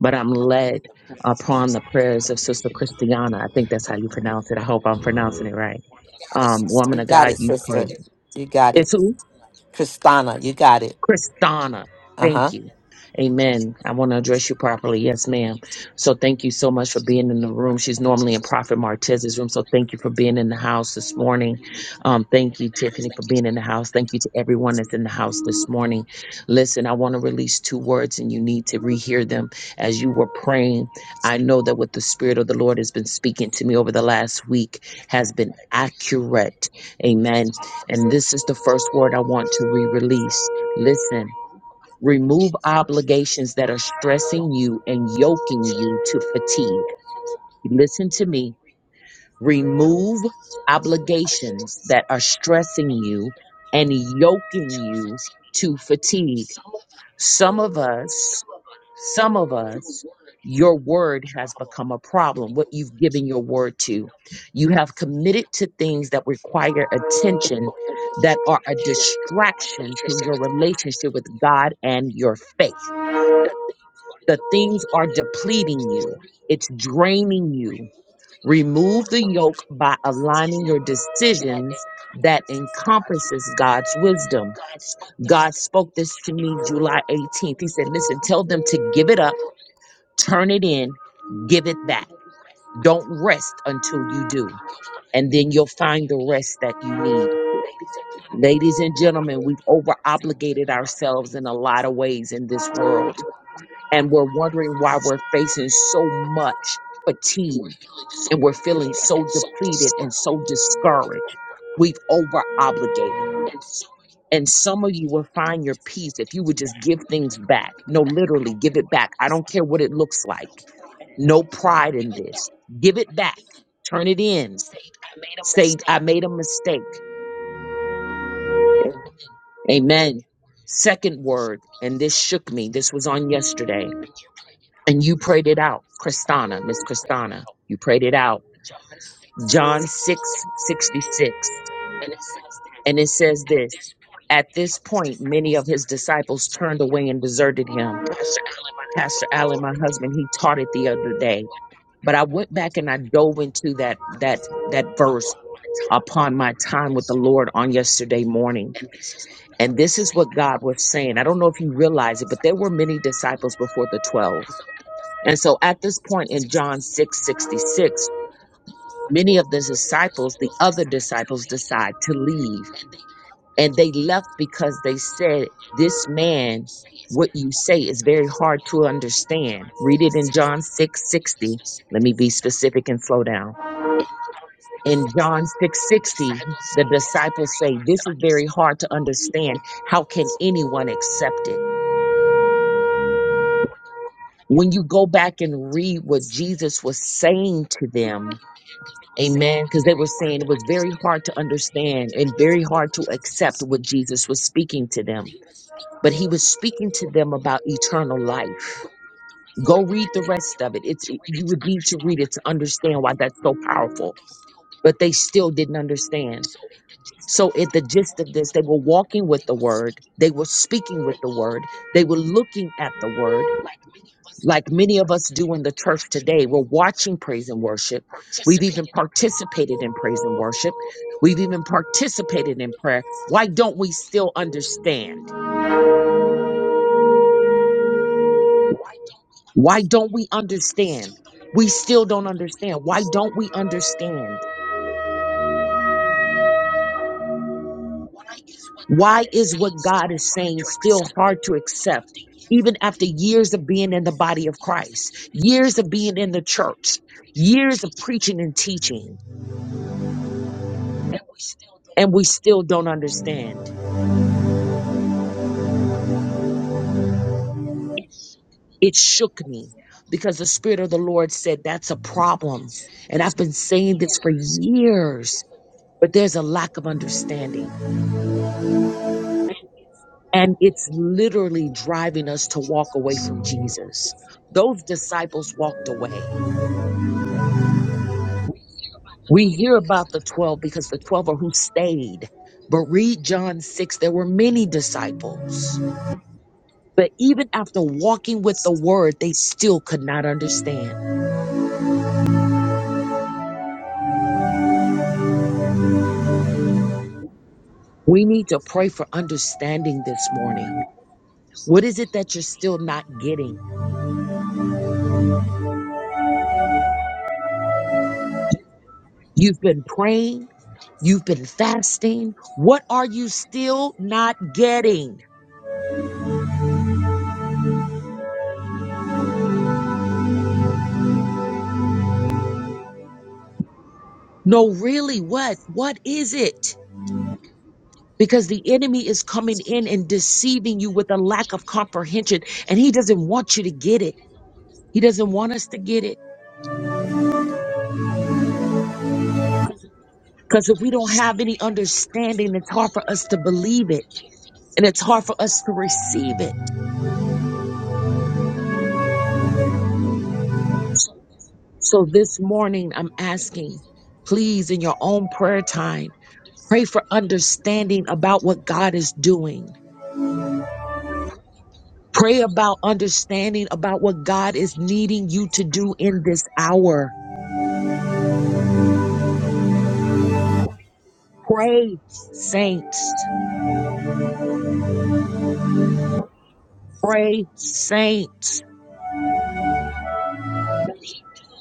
Speaker 2: But I'm led upon the prayers of Sister Christiana. I think that's how you pronounce it. I hope I'm pronouncing it right. Um, woman
Speaker 3: You
Speaker 2: of
Speaker 3: got
Speaker 2: God,
Speaker 3: it,
Speaker 2: you pray.
Speaker 3: sister. You got it.
Speaker 2: It's who?
Speaker 3: Kristana, you got it.
Speaker 2: Kristana. Thank
Speaker 3: Uh-huh. I
Speaker 2: you. Amen. I want to address you properly. Yes, ma'am. So thank you so much for being in the room. She's normally in Prophet Martez's room. So thank you for being in the house this morning. Um, thank you, Tiffany, for being in the house. Thank you to everyone that's in the house this morning. Listen, I want to release two words and you need to rehear them as you were praying. I know that what the Spirit of the Lord has been speaking to me over the last week has been accurate. Amen. And this is the first word I want to re release. Listen, remove obligations that are stressing you and yoking you to fatigue. Listen to me. Remove obligations that are stressing you and yoking you to fatigue. Some of us, some of us, your word has become a problem, what you've given your word to. You have committed to things that require attention that are a distraction to your relationship with God and your faith. The things are depleting you, it's draining you. Remove the yoke by aligning your decisions that encompasses God's wisdom. God spoke this to me July 18th. He said, Listen, tell them to give it up, turn it in, give it back. Don't rest until you do. And then you'll find the rest that you need. Ladies and gentlemen, we've over obligated ourselves in a lot of ways in this world. And we're wondering why we're facing so much fatigue and we're feeling so depleted and so discouraged. We've over obligated. And some of you will find your peace if you would just give things back. No, literally, give it back. I don't care what it looks like. No pride in this. Give it back. Turn it in. Say, I made a mistake. Amen. Second word, and this shook me. This was on yesterday. And you prayed it out. Christana, Miss Christana, you prayed it out. John 6 66, And it says this At this point, many of his disciples turned away and deserted him. Pastor Allen, my husband, he taught it the other day. But I went back and I dove into that that that verse upon my time with the Lord on yesterday morning. And this is what God was saying. I don't know if you realize it, but there were many disciples before the 12. And so at this point in John 6 66, many of the disciples, the other disciples, decide to leave. and they left because they said this man what you say is very hard to understand read it in john 660 let me be specific and slow down in john 660 the disciples say this is very hard to understand how can anyone accept it when you go back and read what jesus was saying to them amen because they were saying it was very hard to understand and very hard to accept what jesus was speaking to them but he was speaking to them about eternal life. Go read the rest of it. It's it, you would need to read it to understand why that's so powerful. But they still didn't understand. So at the gist of this, they were walking with the word, they were speaking with the word, they were looking at the word, like many of us do in the church today. We're watching praise and worship. We've even participated in praise and worship. We've even participated in prayer. Why don't we still understand? Why don't we understand? We still don't understand. Why don't we understand? Why is what God is saying still hard to accept, even after years of being in the body of Christ, years of being in the church, years of preaching and teaching, and we still don't understand? It shook me because the Spirit of the Lord said that's a problem. And I've been saying this for years, but there's a lack of understanding. And it's literally driving us to walk away from Jesus. Those disciples walked away. We hear about the 12 because the 12 are who stayed. But read John 6, there were many disciples. But even after walking with the word, they still could not understand. We need to pray for understanding this morning. What is it that you're still not getting? You've been praying, you've been fasting. What are you still not getting? No, really, what? What is it? Because the enemy is coming in and deceiving you with a lack of comprehension, and he doesn't want you to get it. He doesn't want us to get it. Because if we don't have any understanding, it's hard for us to believe it and it's hard for us to receive it. So this morning, I'm asking, please, in your own prayer time, pray for understanding about what God is doing. Pray about understanding about what God is needing you to do in this hour Pray, saints, pray, saints,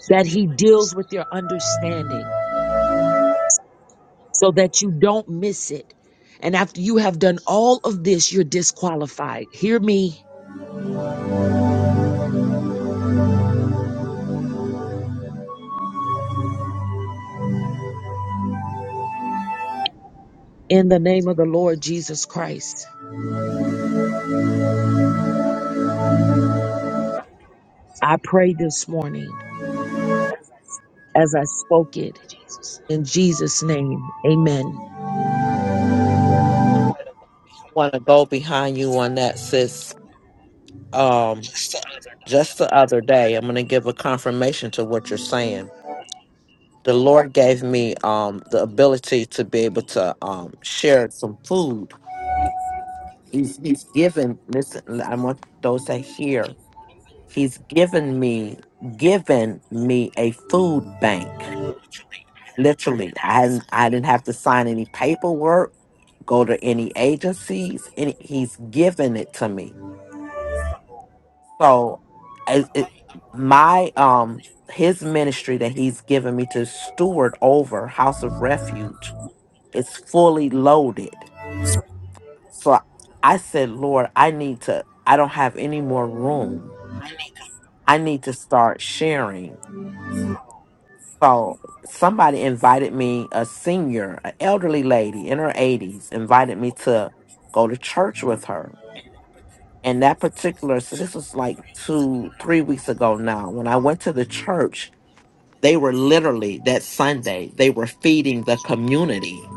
Speaker 2: that he deals with your understanding so that you don't miss it. And after you have done all of this, you're disqualified. Hear me in the name of the Lord Jesus Christ. I pray this morning as I spoke it in Jesus' name. Amen.
Speaker 3: want to go behind you on that, sis. Um, just the other day, I'm going to give a confirmation to what you're saying. the Lord gave me um the ability to be able to um share some food. He's he's given listen, l- I want those that hear. He's given me given me a food bank. Literally. I hadn't I didn't have to sign any paperwork, go to any agencies, and he's given it to me. So it, it, my um his ministry that he's given me to steward over House of Refuge It's fully loaded. So I said, Lord, I need to, I don't have any more room. I need to start sharing. So somebody invited me, a senior, an elderly lady in her 80s, invited me to go to church with her. And that particular, so this was like two, three weeks ago now. When I went to the church, they were literally that Sunday, they were feeding the community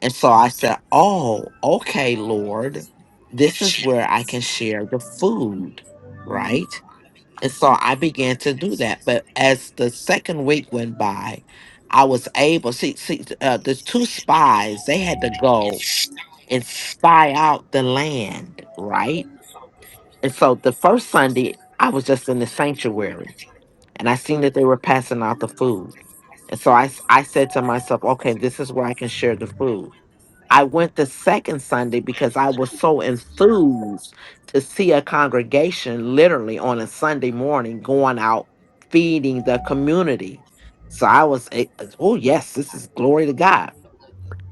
Speaker 3: And so I said, Oh, okay, Lord, this is where I can share the food, right? And so I began to do that. But as the second week went by, I was able, see, see uh, the two spies, they had to go and spy out the land, right? And so the first Sunday, I was just in the sanctuary and I seen that they were passing out the food. And so I, s- I said to myself, okay, this is where I can share the food. I went the second Sunday because I was so enthused to see a congregation literally on a Sunday morning going out feeding the community. So I was, a- oh, yes, this is glory to God.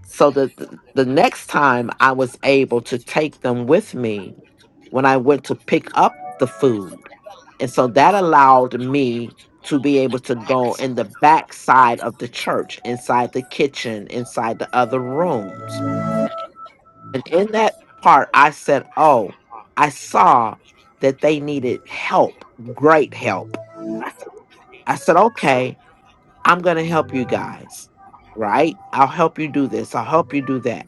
Speaker 3: So the, the, the next time I was able to take them with me when I went to pick up the food. And so that allowed me to be able to go in the back side of the church, inside the kitchen, inside the other rooms and in that part, I said, Oh, I saw that they needed help, great help. I said, Okay, I'm going to help you guys, right? I'll help you do this, I'll help you do that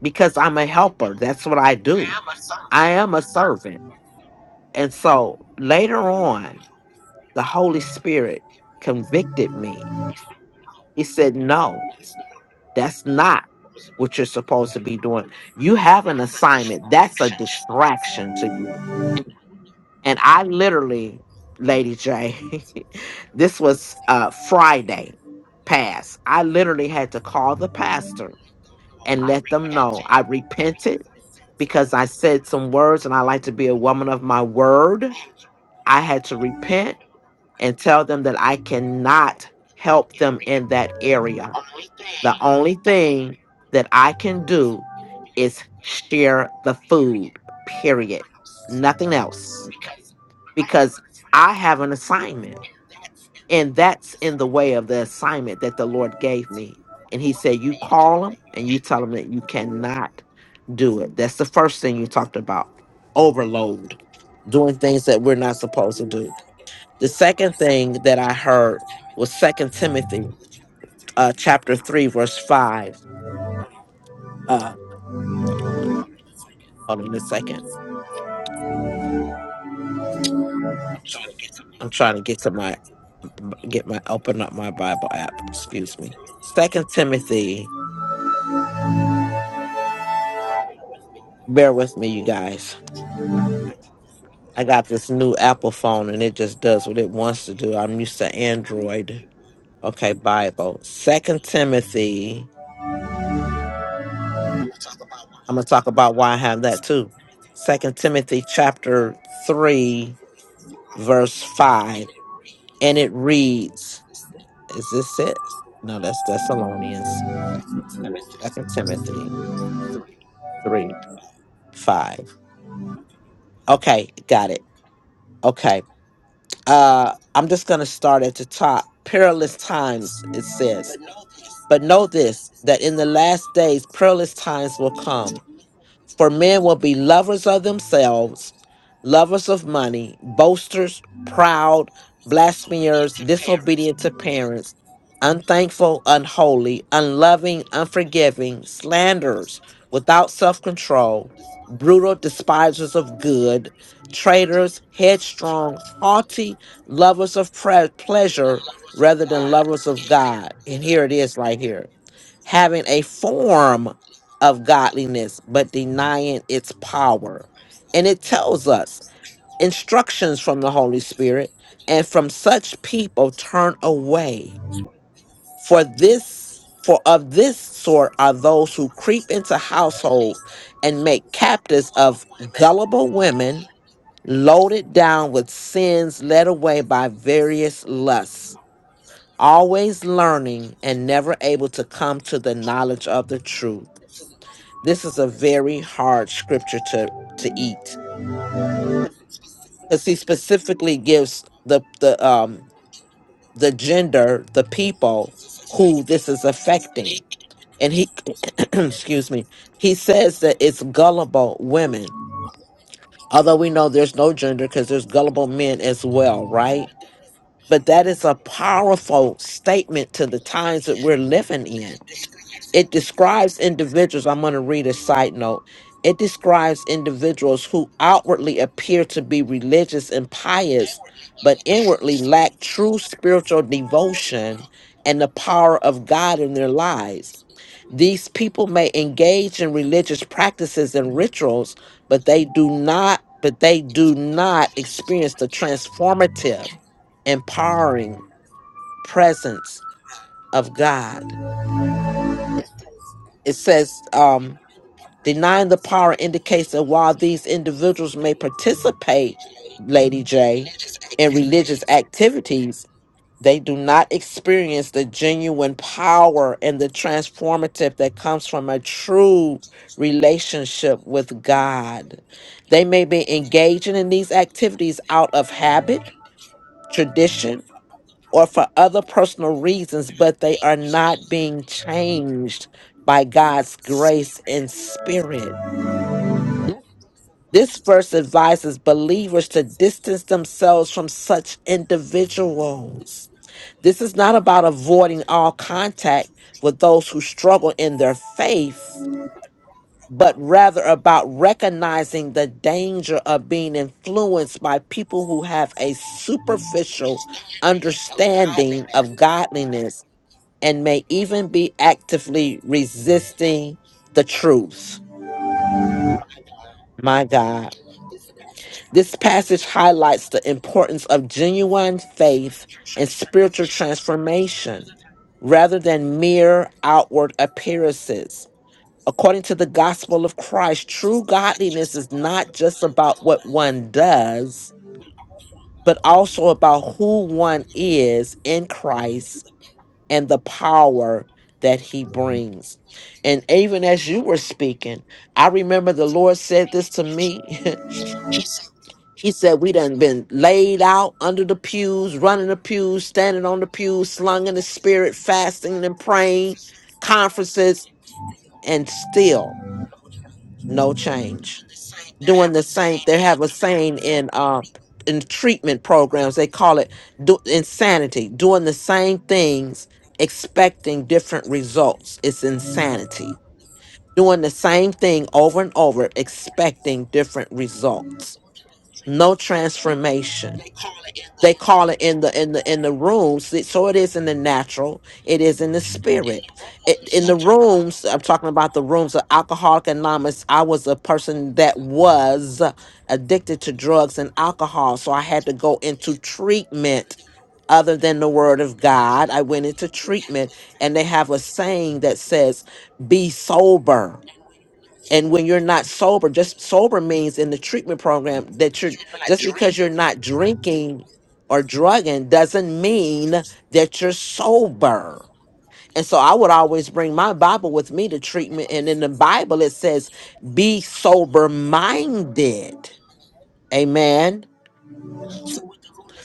Speaker 3: because I'm a helper. That's what I do. I am a servant. And so later on, the Holy Spirit convicted me. He said, No, that's not what you're supposed to be doing. You have an assignment, that's a distraction to you And I literally, Lady J, [laughs] this was uh, Friday past. I literally had to call the pastor and let them know I repented because I said some words and I like to be a woman of my word. I had to repent and tell them that I cannot help them in that area. The only thing that I can do is share the food, period. Nothing else because I have an assignment, and that's in the way of the assignment that the Lord gave me. And He said, You call them and you tell them that you cannot do it. That's the first thing you talked about overload, doing things that we're not supposed to do. The second thing that I heard was Second Timothy uh, chapter 3, verse 5. Uh, hold on a second. I'm trying to get to my get my open up my Bible app. Excuse me. Second Timothy. Bear with me, you guys. I got this new Apple phone and it just does what it wants to do. I'm used to Android. Okay, Bible. Second Timothy. I'm gonna talk about why I have that too. Second Timothy chapter three, verse five. And it reads, is this it? No, that's Thessalonians. Second Timothy three, five. Okay, got it. Okay. Uh I'm just gonna start at the top. Perilous times, it says. But know this that in the last days perilous will come. For men will be lovers of themselves, lovers of money, boasters, proud, blasphemers, disobedient to parents, unthankful, unholy, unloving, unforgiving, slanderers, without self control, brutal, despisers of good, traitors, headstrong, haughty, lovers of pre- pleasure rather than lovers of God. And here it is right here having a form of godliness but denying its power. And it tells us instructions from the Holy Spirit, and from such people turn away. For this, for of this sort are those who creep into households and make captives of gullible women, loaded down with sins led away by various lusts, always learning and never able to come to the knowledge of the truth. This is a very hard scripture to to eat because he specifically gives the the um the gender the people who this is affecting, and he [clears throat] excuse me he says that it's gullible women. Although we know there's no gender because there's gullible men as well, right? But that is a powerful statement to the times that we're living in it describes individuals. I'm going to read a side note. It describes individuals who outwardly appear to be religious and pious, but inwardly lack true spiritual devotion and the power of God in their lives. These people may engage in religious practices and rituals, but they do not but they do not experience the transformative, empowering presence of God. It says um Denying the power indicates that while these individuals may participate, Lady J, in religious activities, they do not experience the genuine power and the transformative that comes from a true relationship with God. They may be engaging in these activities out of habit, tradition, or for other personal reasons, but they are not being changed by God's grace and spirit. This verse advises believers to distance themselves from such individuals. This is not about avoiding all contact with those who struggle in their faith, but rather about recognizing the danger of being influenced by people who have a superficial understanding of godliness and may even be actively resisting the truth. My God. This passage highlights the importance of genuine faith and spiritual transformation rather than mere outward appearances. According to the gospel of Christ, true godliness is not just about what one does, but also about who one is in Christ and the power that he brings. And even as you were speaking, I remember the Lord said this to me [laughs] She said we done been laid out under the pews, running the pews, standing on the pews, slung in the spirit, fasting and praying, conferences, and still no change. Doing the same. They have a saying in uh in treatment programs. They call it do, insanity. Doing the same things, expecting different results. It's insanity. Doing the same thing over and over, expecting different results. No transformation they call it in the in the in the rooms so it is in the natural it is in the spirit it, in the rooms i'm talking about the rooms of alcoholic anonymous i was a person that was addicted to drugs and alcohol so i had to go into treatment other than the word of god i went into treatment and they have a saying that says be sober and when you're not sober just sober means in the treatment program that you're just because you're not drinking or drugging doesn't mean that you're sober and so i would always bring my bible with me to treatment and in the bible it says be sober minded amen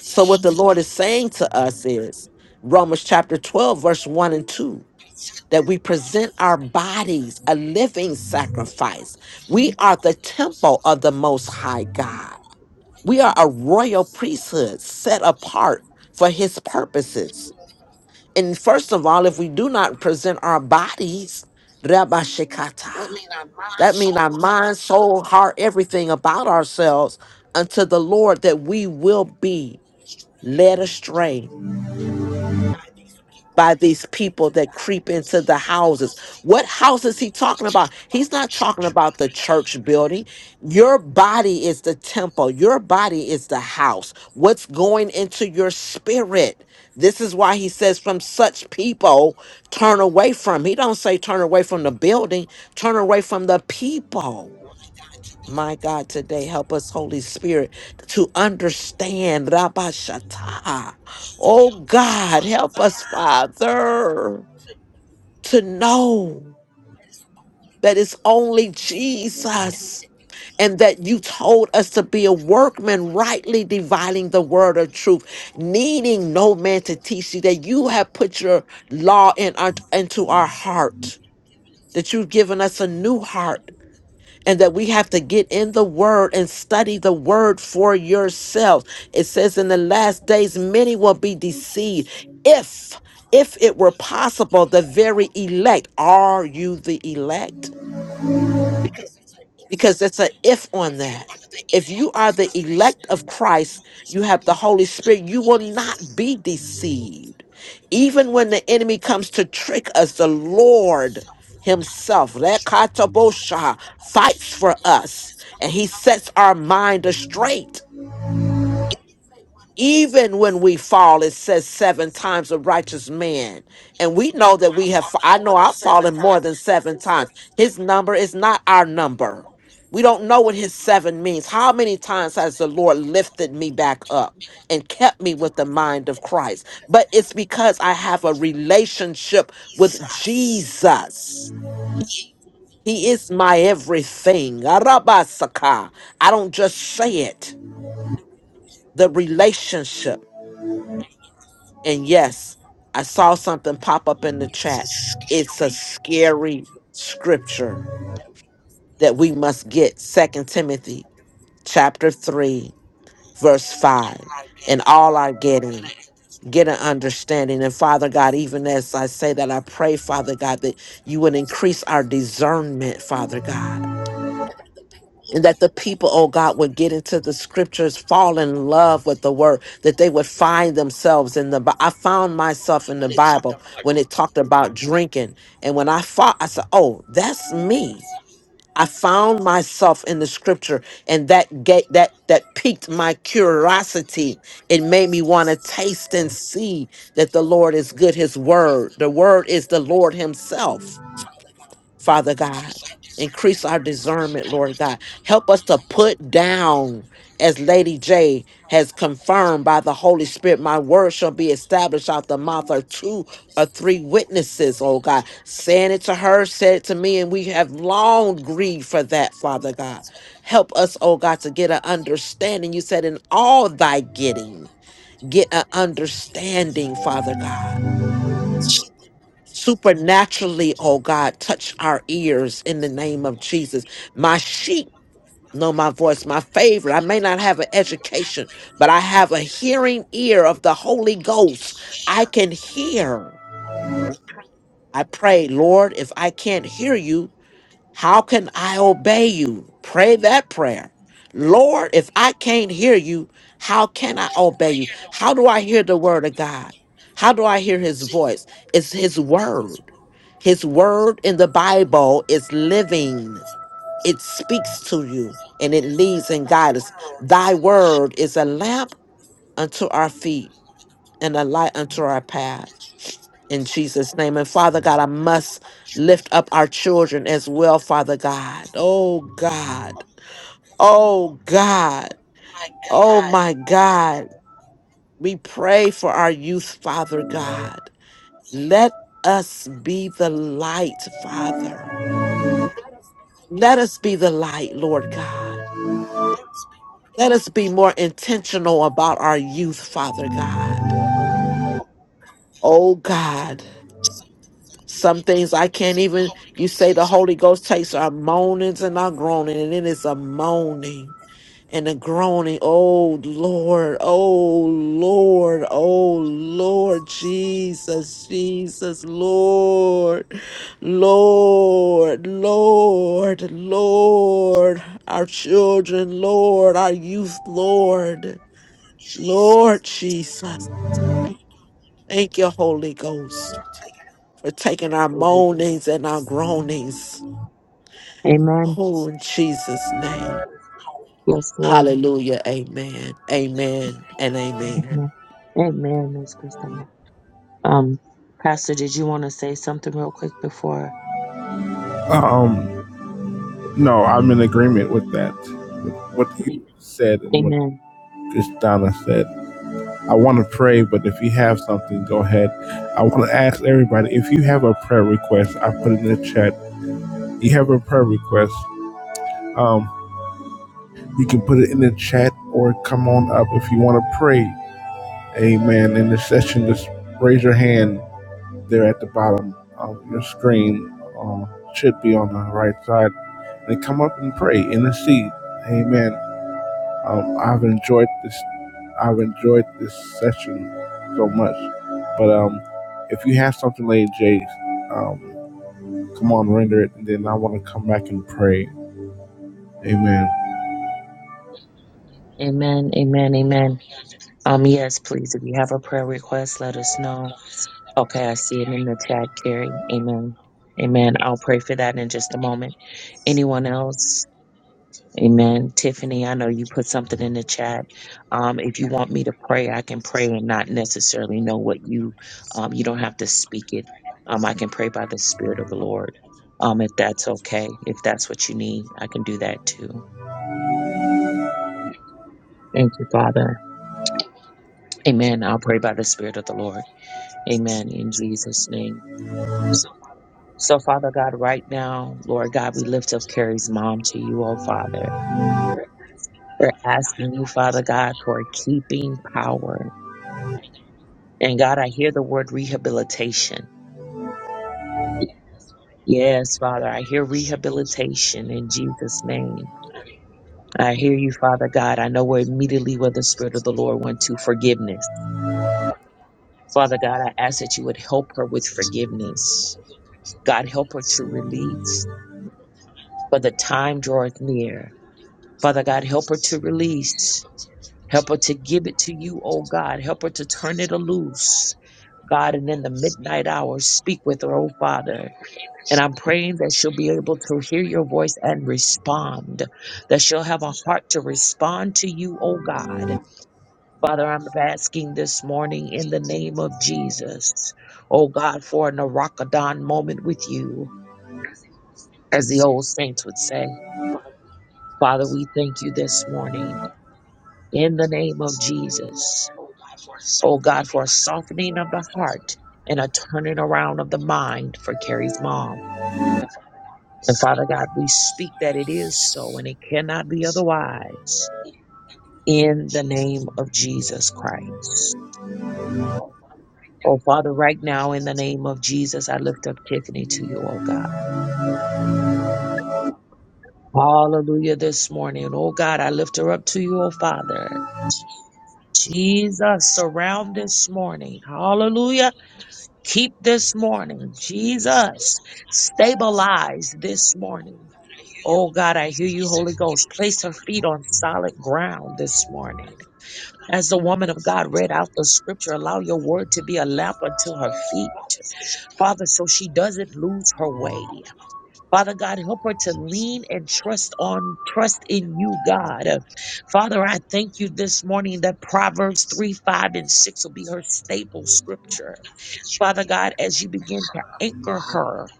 Speaker 3: so what the lord is saying to us is romans chapter 12 verse 1 and 2 that we present our bodies a living sacrifice. We are the temple of the Most High God. We are a royal priesthood set apart for His purposes. And first of all, if we do not present our bodies, Rabba Shekata, that means our mind, soul, heart, everything about ourselves unto the Lord that we will be led astray by these people that creep into the houses. What house is he talking about? He's not talking about the church building. Your body is the temple, your body is the house. What's going into your spirit? This is why he says, from such people, turn away from. He don't say turn away from the building, turn away from the people my God, today help us, Holy Spirit, to understand. Rabashata. Oh God, help us, Father, to know that it's only Jesus and that you told us to be a workman, rightly dividing the word of truth, needing no man to teach you, that you have put your law in our, into our heart, that you've given us a new heart and that we have to get in the word and study the word for yourselves. It says in the last days, many will be deceived. If if it were possible, the very elect, are you the elect? because it's an if on that. If you are the elect of Christ, you have the Holy Spirit, you will not be deceived. Even when the enemy comes to trick us, the Lord Himself, Lekatabosha, fights for us and He sets our mind astray even when we fall, it says seven times a righteous man. And we know that we have, fa- I know I've fallen more than seven times. His number is not our number. We don't know what his seven means. How many times has the Lord lifted me back up and kept me with the mind of Christ? But it's because I have a relationship with Jesus. He is my everything. Arabasaka. I don't just say it, the relationship. And yes, I saw something pop up in the chat. It's a scary scripture that we must get. Second Timothy chapter three, verse five. And all are getting, get an understanding. And Father God, even as I say that, I pray, Father God, that you would increase our discernment, Father God and that the people, oh God, would get into the scriptures, fall in love with the word, that they would find themselves in the Bi- I found myself in the Bible when it talked about drinking. And when I fought, I said, Oh, that's me. I found myself in the scripture and that gate that that piqued my curiosity. It made me want to taste and see that the Lord is good, his word. The word is the Lord himself. Father God. Increase our discernment, Lord God. Help us to put down, as Lady J has confirmed by the Holy Spirit, my word shall be established out the mouth of two or three witnesses, oh God. Saying it to her, said it to me, and we have long grieved for that, Father God. Help us, oh God, to get an understanding. You said, in all thy getting, get an understanding, Father God supernaturally, oh God, touch our ears in the name of Jesus. My sheep know my voice, my favorite. I may not have an education, but I have a hearing ear of the Holy Ghost. I can hear. I pray, Lord, if I can't hear you, how can I obey you? Pray that prayer. Lord, if I can't hear you, how can I obey you? How do I hear the word of God? How do I hear his voice? It's his word. His word in the Bible is living, it speaks to you and it leads and guides us. Thy word is a lamp unto our feet and a light unto our path in Jesus' name. And Father God, I must lift up our children as well, Father God. Oh God. Oh God. Oh my God. We pray for our youth, Father God. Let us be the light, Father. Let us be the light, Lord God. Let us be more intentional about our youth, Father God. Oh God. Some things I can't even, you say the Holy Ghost takes our moanings and our groaning, and it is a moaning and a groaning. Oh Lord, oh Lord, oh Lord, Jesus, Jesus, Lord, Lord, Lord, Lord, our children, Lord, our youth, Lord, Lord Jesus. Thank you, Holy Ghost, for taking our
Speaker 2: Amen.
Speaker 3: moanings and our groanings.
Speaker 2: Amen.
Speaker 3: Oh, in Jesus' name.
Speaker 2: Yes, Lord.
Speaker 3: Hallelujah. Amen. Amen. And amen.
Speaker 2: Amen. Amen, Miss Christine. Um, Pastor, did you want to say something real quick before?
Speaker 1: um, No, I'm in agreement with that. With what you said and what
Speaker 2: Amen.
Speaker 1: Kristana said. I want to pray, but if you have something, go ahead. I want to ask everybody if you have a prayer request, I put it in the chat. You have a prayer request, um, you can put it in the chat or come on up if you want to pray. Amen. In the session, just raise your hand there at the bottom of your screen. Uh, should be on the right side. And come up and pray, intercede. Amen. Um, I've enjoyed this. I've enjoyed this session so much. But um, if you have something, Lady J, um, come on, render it, and then I want to come back and pray. Amen.
Speaker 2: Amen, amen, amen. Um, yes, please. If you have a prayer request, let us know. Okay, I see it in the chat, Carrie. Amen. Amen. I'll pray for that in just a moment. Anyone else? Amen. Tiffany, I know you put something in the chat. Um, if you want me to pray, I can pray and not necessarily know what you um you don't have to speak it. Um, I can pray by the Spirit of the Lord. Um, if that's okay, if that's what you need, I can do that too. Thank you, Father. Amen. I'll pray by the Spirit of the Lord. Amen. In Jesus' name. So, Father God, right now, Lord God, we lift up Carrie's mom to you, oh Father. We're asking you, Father God, for keeping power. And God, I hear the word rehabilitation. Yes, Father, I hear rehabilitation in Jesus' name. I hear you, Father God. I know we're immediately where the Spirit of the Lord went to forgiveness. Father God, I ask that you would help her with forgiveness. God, help her to release, for the time draweth near Father God, help her to release. Help her to give it to you, oh God. Help her to turn it loose. God, and in the midnight hours, speak with her, oh Father. And I'm praying that she'll be able to hear your voice and respond, that she'll have a heart to respond to you, oh God. Father, I'm asking this morning in the name of Jesus, oh God, for an Arachidon moment with you, as the old saints would say. Father, we thank you this morning. in the name of Jesus. Oh God, for a softening of the heart and a turning around of the mind for Carrie's mom. And Father God, we speak that it is so and it cannot be otherwise in the name of Jesus Christ. Oh Father, right now in the name of Jesus, I lift up Tiffany to you, oh God. Hallelujah this morning. Oh God, I lift her up to you, oh Father. Jesus, surround this morning. Hallelujah Keep this morning, Jesus. Stabilize this morning. Oh God, I hear you, Holy Ghost. Place her feet on solid ground this morning. As the woman of God read out the scripture, allow your word to be a lamp unto her feet, Father, so she doesn't lose her way. Father God, help her to lean and trust on, trust in you, God. Father, I thank you this morning that Proverbs 3, 5, and 6 will be her staple scripture. Father God, as you begin to anchor her,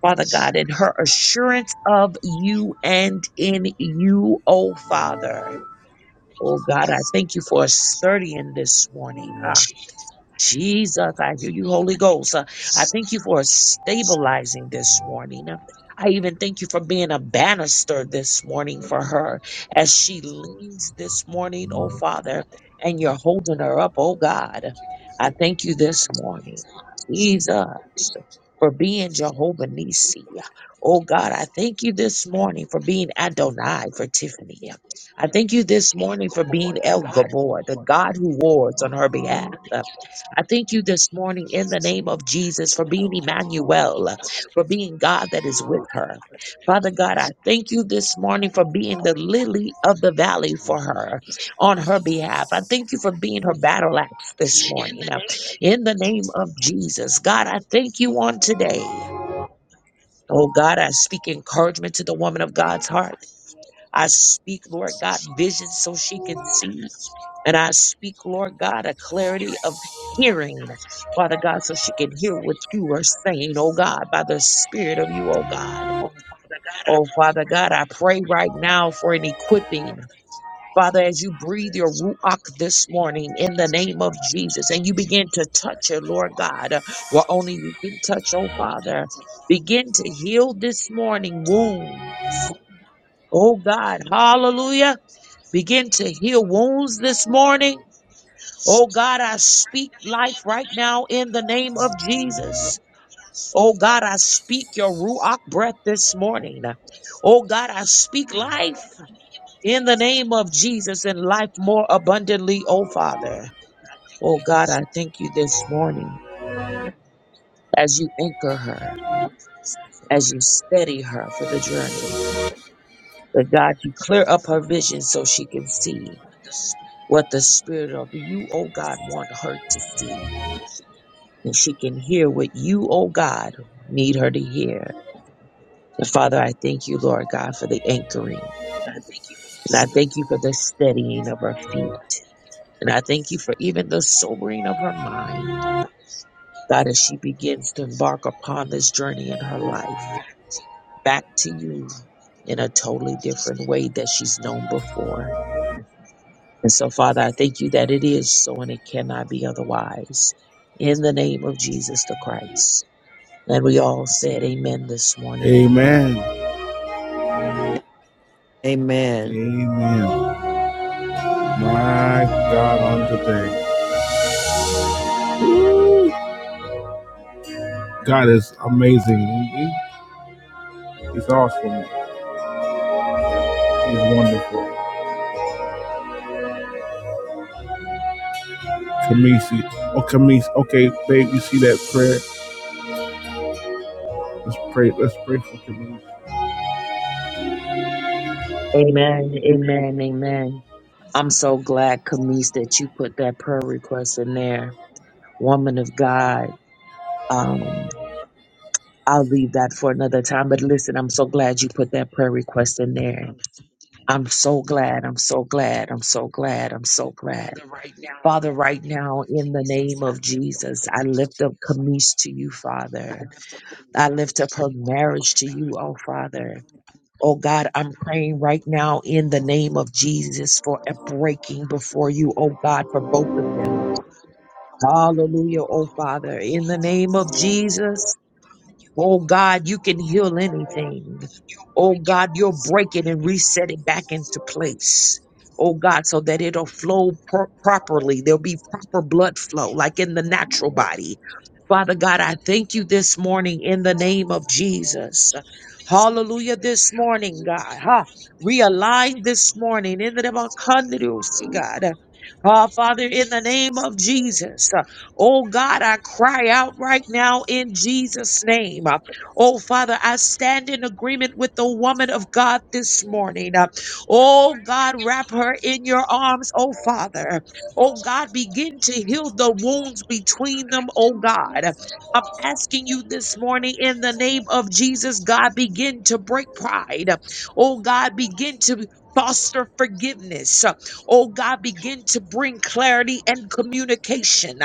Speaker 2: Father God, in her assurance of you and in you, oh Father. Oh God, I thank you for a sturdy in this morning. Ah, Jesus, I hear you, Holy Ghost. Uh, I thank you for stabilizing this morning. Uh, I even thank you for being a banister this morning for her as she leans this morning, oh Father, and you're holding her up, oh God. I thank you this morning, Jesus, for being Jehovah Nissi. Oh God, I thank you this morning for being Adonai for Tiffany. I thank you this morning for being El Gabor, the God who wards on her behalf. I thank you this morning in the name of Jesus for being Emmanuel, for being God that is with her. Father God, I thank you this morning for being the lily of the valley for her on her behalf. I thank you for being her battle axe this morning uh, in the name of Jesus. God, I thank you on today. Oh God, I speak encouragement to the woman of God's heart. I speak, Lord God, vision so she can see. And I speak, Lord God, a clarity of hearing, Father God, so she can hear what you are saying, oh God, by the Spirit of you, oh God. Oh Father God, I pray right now for an equipping. Father, as you breathe your ruach this morning in the name of Jesus, and you begin to touch her, Lord God, where only you can touch, oh Father, begin to heal this morning wounds. Oh God, hallelujah. Begin to heal wounds this morning Oh God, I speak life right now in the name of Jesus. Oh God, I speak your Ruach breath this morning. Oh God, I speak life in the name of Jesus and life more abundantly, oh Father. Oh God, I thank you this morning as you anchor her, as you steady her for the journey. That God, you clear up her vision so she can see what the Spirit of you, oh God, want her to see. and she can hear what you, oh God, need her to hear. And Father, I thank you, Lord God, for the anchoring. And I thank you for the steadying of her feet. And I thank you for even the sobering of her mind. God, as she begins to embark upon this journey in her life, back to you in a totally different way that she's known before. And so, Father, I thank you that it is so and it cannot be otherwise. In the name of Jesus the Christ. And we all said amen this morning. Amen.
Speaker 1: Amen.
Speaker 3: Amen.
Speaker 1: Amen. My God, on today, God is amazing. He- he- He's awesome. He's wonderful. Kamisi, oh Kamisi, okay, babe, you see that prayer? Let's pray. Let's pray for Kamisi.
Speaker 2: Amen. Amen. Amen. I'm so glad, Camise, that you put that prayer request in there. Woman of God, um, I'll leave that for another time. But listen, I'm so glad you put that prayer request in there. I'm so glad. I'm so glad. I'm so glad. I'm so glad. Father, right now, in the name of Jesus, I lift up Camise to you, Father. I lift up her marriage to you, oh Father. Oh God, I'm praying right now in the name of Jesus for a breaking before you, oh God, for both of them. Hallelujah, oh Father, in the name of Jesus. Oh God, you can heal anything. Oh God, you'll break it and reset it back into place. Oh God, so that it'll flow pro- properly. There'll be proper blood flow, like in the natural body. Father God, I thank you this morning in the name of Jesus. Hallelujah this morning, God. Huh? Realign this morning in the name of God. Oh, Father, in the name of Jesus. Oh God, I cry out right now in Jesus' name. Uh, Oh Father, I stand in agreement with the woman of God this morning. Uh, Oh God, wrap her in your arms, oh Father. Oh God, begin to heal the wounds between them, oh God. I'm asking you this morning in the name of Jesus, God, begin to break pride. Oh God, begin to foster forgiveness. Oh God, begin to bring clarity and communication.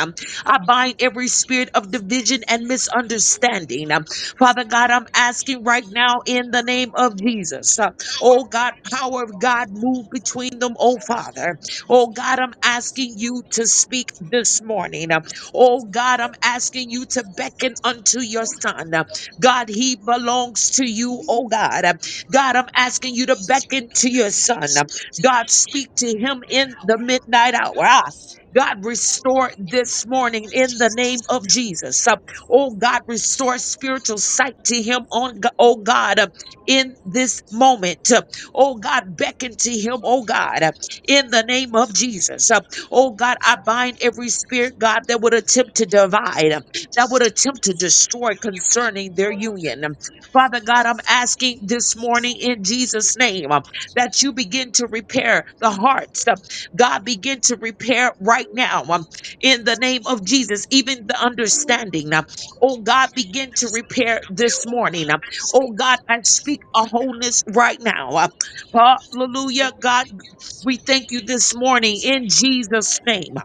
Speaker 2: I bind every spirit of division and misunderstanding. Um, Father God, I'm asking right now in the name of Jesus. uh, oh God, power of God, move between them, oh Father. Oh God, I'm asking you to speak this morning. Uh, Oh God, I'm asking you to beckon unto your son. Uh, God, he belongs to you, oh God. Uh, God, I'm asking you to beckon to your son. Uh, God, speak to him in the midnight hour. Ah, God, restore this morning in the name of Jesus. Uh, Oh God, restore spiritual sight to him on Go- oh God uh, in this moment. Uh, Oh God, beckon to him, oh God, uh, in the name of Jesus. Uh, Oh God, I bind every spirit, God, that would attempt to divide, uh, that would attempt to destroy concerning their union. Um, Father God, I'm asking this morning in Jesus' name um, that you begin to repair the hearts. God, begin to repair right now um, in the name of Jesus, even the understanding. uh, oh God, begin to repair this morning. uh, oh God, I speak a wholeness right now. uh, hallelujah. God, we thank you this morning in Jesus' name.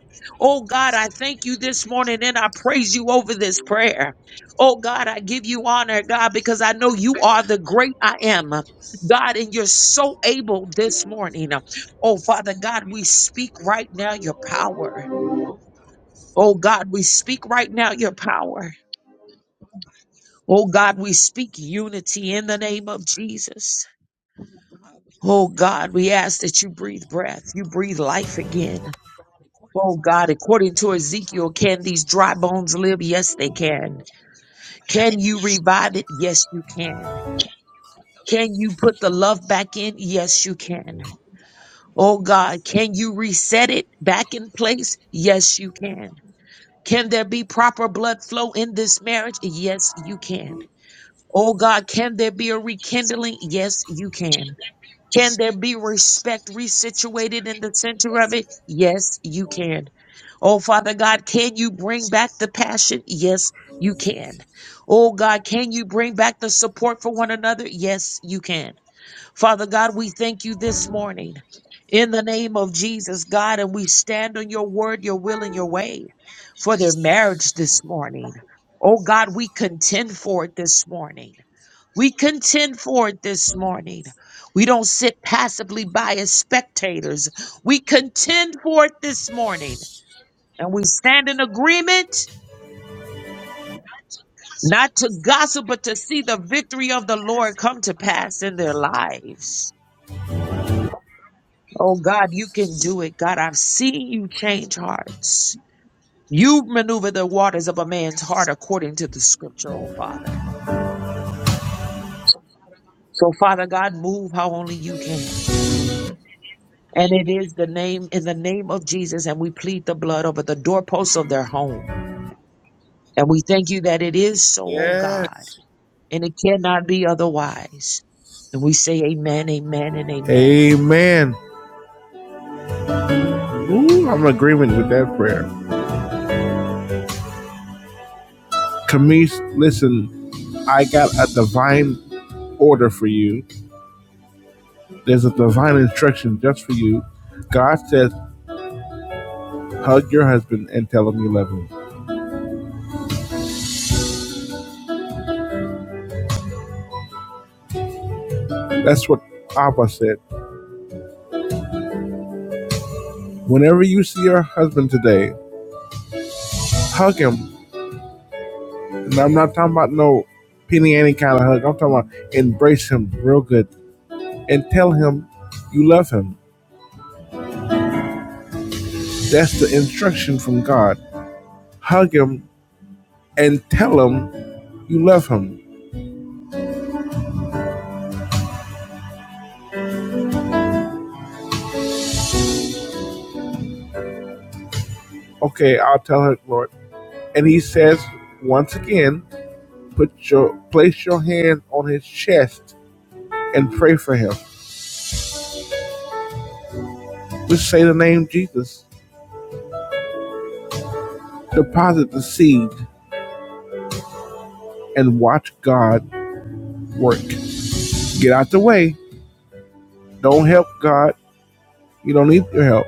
Speaker 2: Oh God, I thank you this morning and I praise you over this prayer. Oh God, I give you honor, God, because I know you are the great I am. God, and you're so able this morning. Oh Father God, we speak right now your power. Oh God, we speak right now your power. Oh God, we speak unity in the name of Jesus. Oh God, we ask that you breathe breath, you breathe life again. Oh God, according to Ezekiel, can these dry bones live? Yes, they can. Can you revive it? Yes, you can. Can you put the love back in? Yes, you can. Oh God, can you reset it back in place? Yes, you can. Can there be proper blood flow in this marriage? Yes, you can. Oh God, can there be a rekindling? Yes, you can. Can there be respect resituated in the center of it? Yes, you can. Oh, Father God, can you bring back the passion? Yes, you can. Oh, God, can you bring back the support for one another? Yes, you can. Father God, we thank you this morning in the name of Jesus, God, and we stand on your word, your will, and your way for their marriage this morning. Oh, God, we contend for it this morning. We contend for it this morning. We don't sit passively by as spectators. We contend for it this morning. And we stand in agreement, not to gossip, but to see the victory of the Lord come to pass in their lives. Oh God, you can do it. God, I've seen you change hearts. You maneuver the waters of a man's heart according to the scripture, oh Father. So Father God, move how only you can. And it is the name, in the name of Jesus, and we plead the blood over the doorposts of their home. And we thank you that it is so, oh
Speaker 1: Yeah.
Speaker 2: God. and it cannot be otherwise. And we say amen, amen, and amen.
Speaker 1: Amen. Ooh, I'm in agreement with that prayer. Camise, listen, I got a divine order for you. There's a divine instruction just for you. God says, hug your husband and tell him you love him. That's what Abba said. Whenever you see your husband today, hug him. And I'm not talking about no penny any kind of hug. I'm talking about embrace him real good and tell him you love him. That's the instruction from God. Hug him and tell him you love him. Okay, I'll tell her, Lord. And he says, once again, put your place your hand on his chest and pray for him. Just say the name Jesus. Deposit the seed and watch God work. Get out the way. Don't help God. You don't need your help.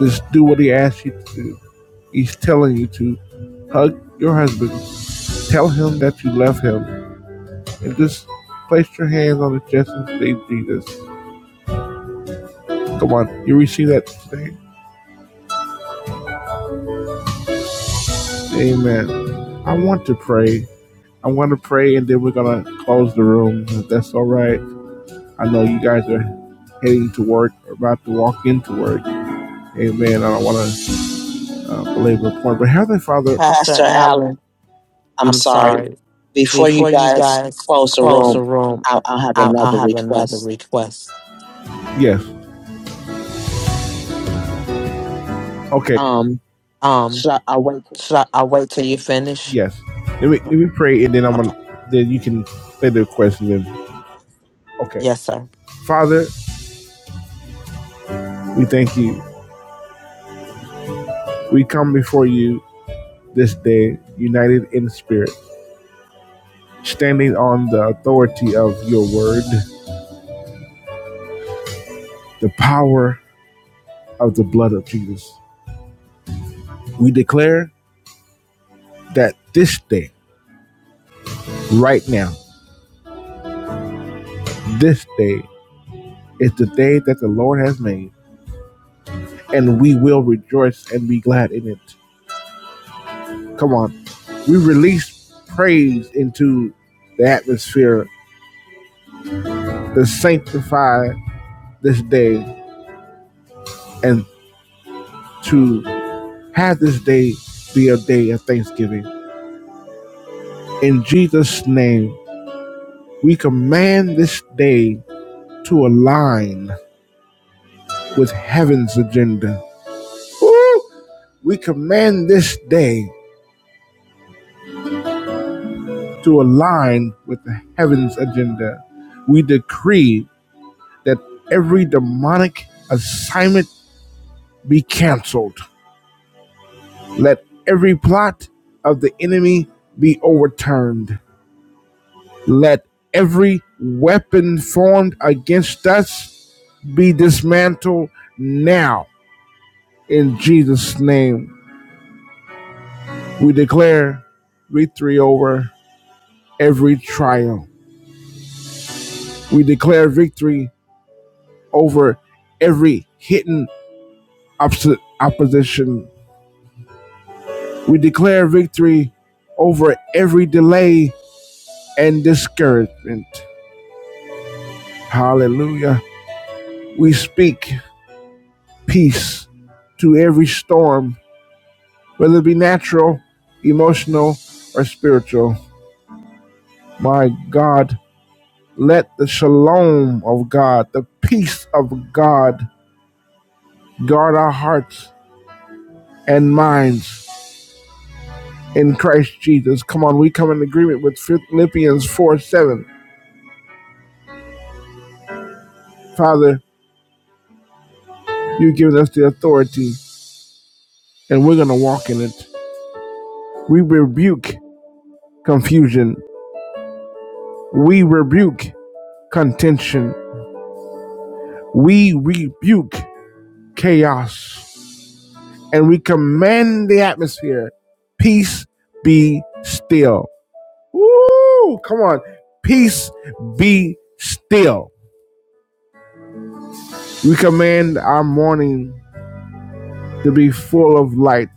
Speaker 1: Just do what he asks you to do. He's telling you to hug your husband. Tell him that you love him. And just place your hands on his chest and say Jesus. Come on. You receive that today. Amen. I want to pray. I want to pray, and then we're gonna close the room. If that's all right. I know you guys are heading to work or about to walk into work. Amen. I don't want to uh, belabor the point, but Heavenly Father,
Speaker 3: Pastor Allen, I'm sorry. Before you guys close the room, I, I'll have another request.
Speaker 1: yes, okay,
Speaker 3: Um, should I I'll wait till you finish?
Speaker 1: yes. Let me let me pray, and then I'm
Speaker 3: Okay.
Speaker 1: gonna then you can say the question. Then okay,
Speaker 3: Yes, sir.
Speaker 1: Father, we thank you. We come before you this day, united in spirit, standing on the authority of your word, the power of the blood of Jesus. We declare that this day, right now, this day is the day that the Lord has made, and we will rejoice and be glad in it. Come on. We release praise into the atmosphere to sanctify this day and to have this day be a day of thanksgiving. In Jesus' name, we command this day to align with heaven's agenda. Woo! We command this day to align with the heaven's agenda. We decree that every demonic assignment be canceled. Let every plot of the enemy be overturned. Let every weapon formed against us be dismantled now. In Jesus' name, we declare victory over every trial. We declare victory over every hidden opposi- opposition. We declare victory over every delay and discouragement. Hallelujah. We speak peace to every storm, whether it be natural, emotional, or spiritual. My God, let the shalom of God, the peace of God, guard our hearts and minds in Christ Jesus. Come on, we come in agreement with Philippians 4 7. Father, You've given us the authority, and we're going to walk in it. We rebuke confusion. We rebuke contention. We rebuke chaos. And we command the atmosphere peace be still. Woo! Come on. Peace be still. We command our morning to be full of light,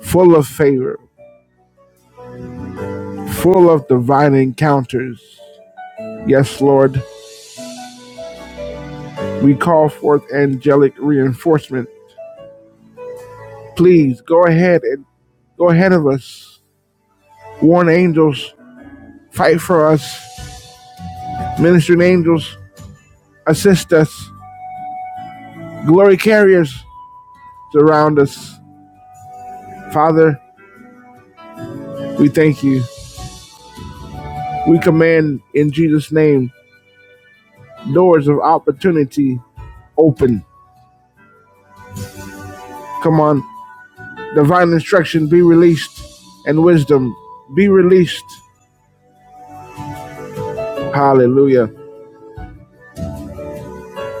Speaker 1: full of favor, full of divine encounters. Yes, Lord. We call forth angelic reinforcement. Please go ahead and go ahead of us. Warn angels, fight for us. Ministering angels, assist us. Glory carriers, surround us. Father, we thank you. We command in Jesus' name doors of opportunity open. Come on, divine instruction be released and wisdom be released. Hallelujah.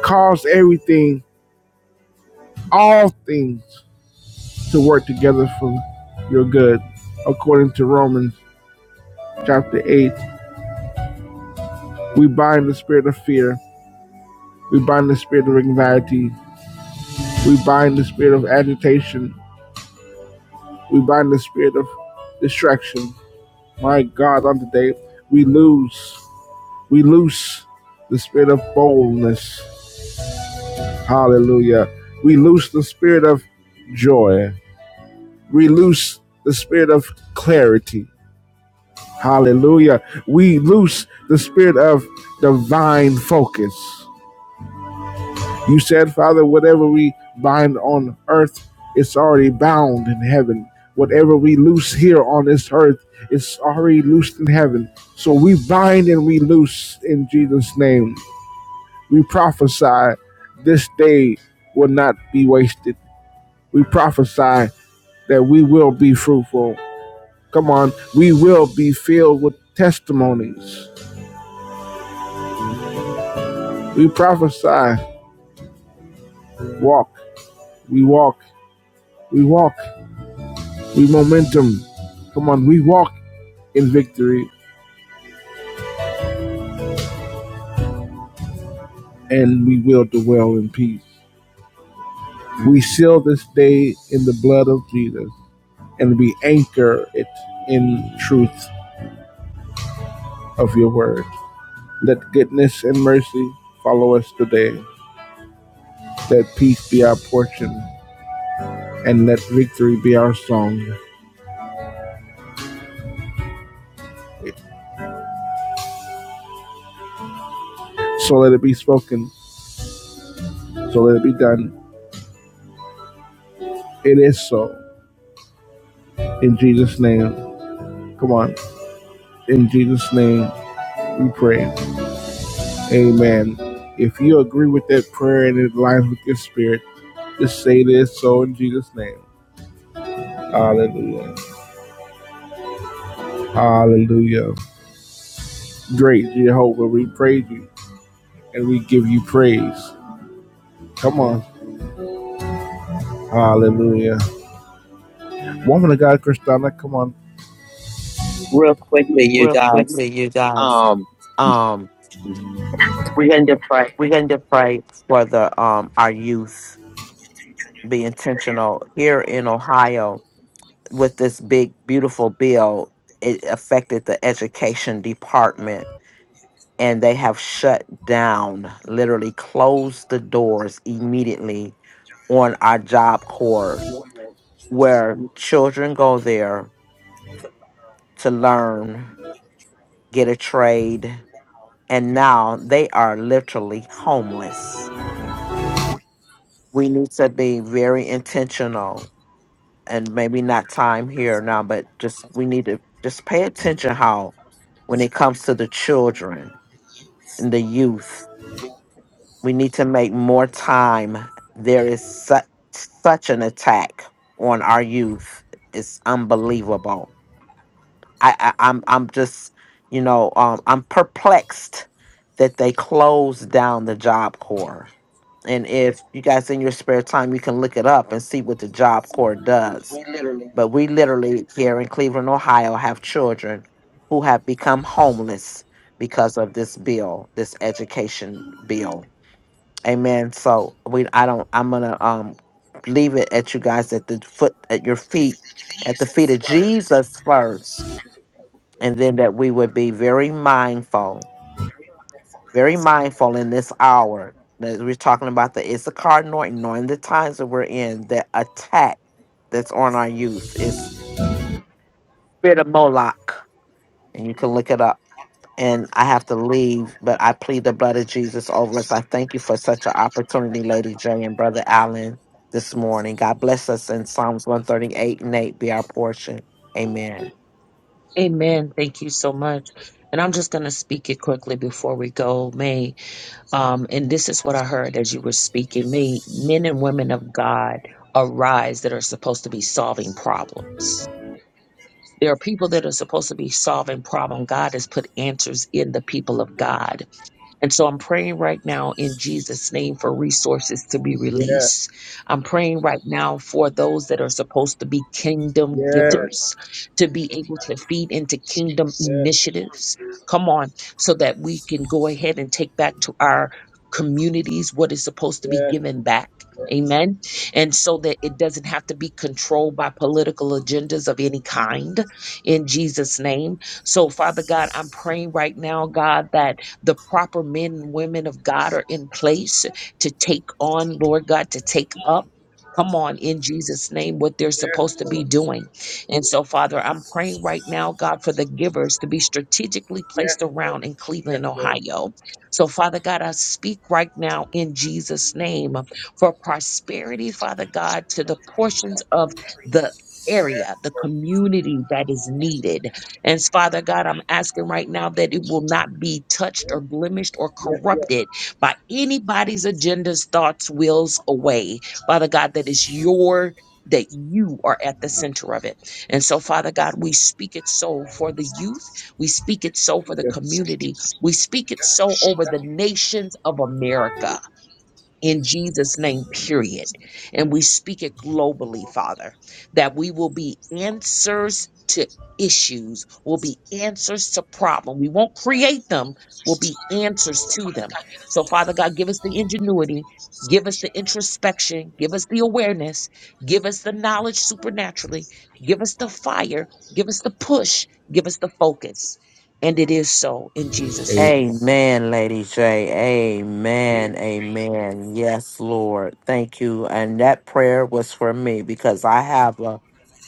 Speaker 1: Cause everything, all things to work together for your good. According to Romans chapter 8, we bind the spirit of fear, we bind the spirit of anxiety, we bind the spirit of agitation, we bind the spirit of distraction. My God, on today, we lose, we loose the spirit of boldness. Hallelujah. We loose the spirit of joy. We loose the spirit of clarity. Hallelujah. We loose the spirit of divine focus. You said, Father, whatever we bind on earth, it's already bound in heaven. Whatever we loose here on this earth, it's already loosed in heaven. So we bind and we loose in Jesus' name. We prophesy this day will not be wasted. We prophesy that we will be fruitful. Come on, we will be filled with testimonies. We prophesy Walk, we walk, we walk, we momentum. Come on, we walk in victory and we will dwell in peace. We seal this day in the blood of Jesus and we anchor it in truth of your word. Let goodness and mercy follow us today. Let peace be our portion and let victory be our song. So let it be spoken. So let it be done. It is so. In Jesus' name. Come on. In Jesus' name. We pray. Amen. If you agree with that prayer and it aligns with your spirit, just say this so in Jesus' name. Hallelujah. Hallelujah. Great Jehovah, we praise you and we give you praise. Come on. Hallelujah. Woman of God, Christina, come on.
Speaker 3: Real quickly, you guys. Um, we're going to pray for the um our youth. Be intentional here in Ohio with this big beautiful bill it affected the education department and they have shut down literally closed the doors immediately on our job corps where children go there to learn get a trade and now they are literally homeless we need to be very intentional and maybe not time here now, but just we need to just pay attention how when it comes to the children and the youth, we need to make more time. There is such such an attack on our youth. It's unbelievable. I, I I'm I'm just you know um, I'm perplexed that they closed down the Job Corps. And if you guys in your spare time, you can look it up and see what the Job Corps does but we literally here in Cleveland, Ohio, have children who have become homeless because of this bill, this education bill. Amen. So we, I don't. I'm gonna um leave it at you guys at the foot, at your feet, at the feet of Jesus first, and then that we would be very mindful, very mindful in this hour that we're talking about the Issachar Norton, knowing the times that we're in, the attack that's on our youth is spirit of Moloch and you can look it up. And I have to leave, but I plead the blood of Jesus over us. I thank you for such an opportunity, Lady J and Brother Allen, this morning. God bless us, and Psalms 138 and 8 be our portion. Amen.
Speaker 2: Amen. Thank you so much. And I'm just going to speak it quickly before we go, May. Um, and this is what I heard as you were speaking. May men and women of God arise that are supposed to be solving problems. There are people that are supposed to be solving problem. God has put answers in the people of God And so I'm praying right now in Jesus' name for resources to be
Speaker 1: Yeah,
Speaker 2: released. I'm praying right now for those that are supposed to be kingdom
Speaker 1: yeah,
Speaker 2: givers to be able to feed into kingdom
Speaker 1: yeah,
Speaker 2: initiatives. Come on, so that we can go ahead and take back to our communities what is supposed to be
Speaker 1: yeah,
Speaker 2: given back. Amen. And so that it doesn't have to be controlled by political agendas of any kind in Jesus' name. So, Father God, I'm praying right now, God, that the proper men and women of God are in place to take on, Lord God, to take up. Come on, in Jesus' name, what they're supposed to be doing. And so, Father, I'm praying right now, God, for the givers to be strategically placed around in
Speaker 1: yeah,
Speaker 2: Cleveland,
Speaker 1: Lord.
Speaker 2: Ohio. So, Father God, I speak right now in Jesus' name for prosperity, Father God, to the portions of the area, the community that is needed. And Father God, I'm asking right now that it will not be touched or blemished or
Speaker 1: yeah, yeah,
Speaker 2: corrupted by anybody's agendas, thoughts, wills, away. Father God, that is your that you are at the center of it. And so, Father God, we speak it so for the youth. We speak it so for the
Speaker 1: yeah.
Speaker 2: community. We speak it so over the nations of America in Jesus' name, period. And we speak it globally, Father, that we will be answers to issues, will be answers to problem. We won't create them, will be answers to them. So, Father God, give us the ingenuity, give us the introspection, give us the awareness, give us the knowledge supernaturally, give us the fire, give us the push, give us the focus. And it is so in Jesus' name.
Speaker 3: Amen, Lady J. Amen. Amen. Yes, Lord. Thank you. And that prayer was for me because I have a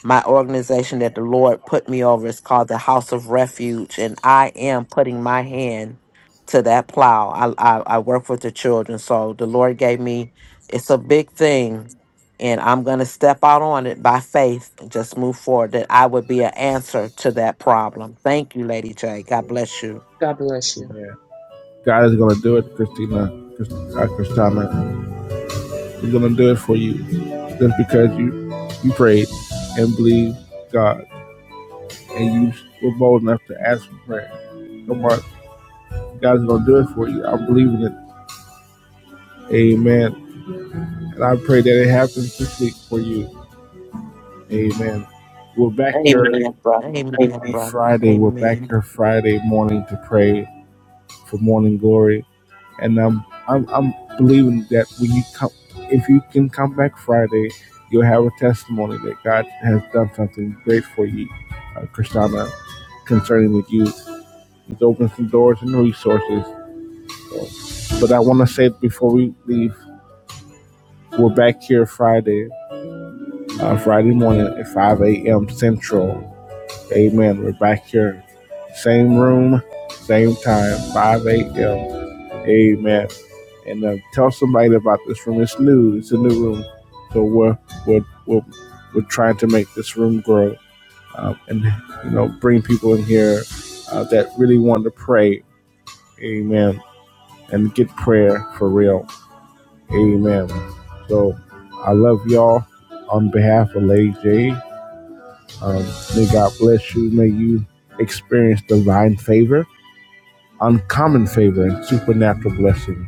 Speaker 3: my organization that the Lord put me over is called the House of Refuge, and I am putting my hand to that plow. I, I, I work with the children, so the Lord gave me it's a big thing, and I'm going to step out on it by faith and just move forward. That I would be an answer to that problem. Thank you, Lady J. God bless you.
Speaker 2: God bless you.
Speaker 1: Amen. God is going to do it, Christina. Christina, He's gonna do it for you just because you you prayed and believed God and you were bold enough to ask for prayer. Come on, God's gonna do it for you. I believe in it. Amen. And I pray that it happens this week for you. Amen. We're back
Speaker 3: Amen, brother.
Speaker 1: Friday. We're back
Speaker 3: Amen.
Speaker 1: here Friday morning to pray for morning glory. And um, I'm I'm believing that when you come, if you can come back Friday, you'll have a testimony that God has done something great for you, uh, Kristana. concerning the youth. It opens some doors and resources. So, but I want to say before we leave, we're back here Friday, uh, Friday morning at 5 a.m. Central. Amen. We're back here, same room, same time, 5 a.m. Amen. And uh, tell somebody about this room. It's new. It's a new room, so we're we're we're, we're trying to make this room grow uh, and you know bring people in here uh, that really want to pray. Amen and get prayer for real. Amen. So I love y'all on behalf of Lady J. Um, may God bless you. May you experience divine favor, uncommon favor, and supernatural blessing.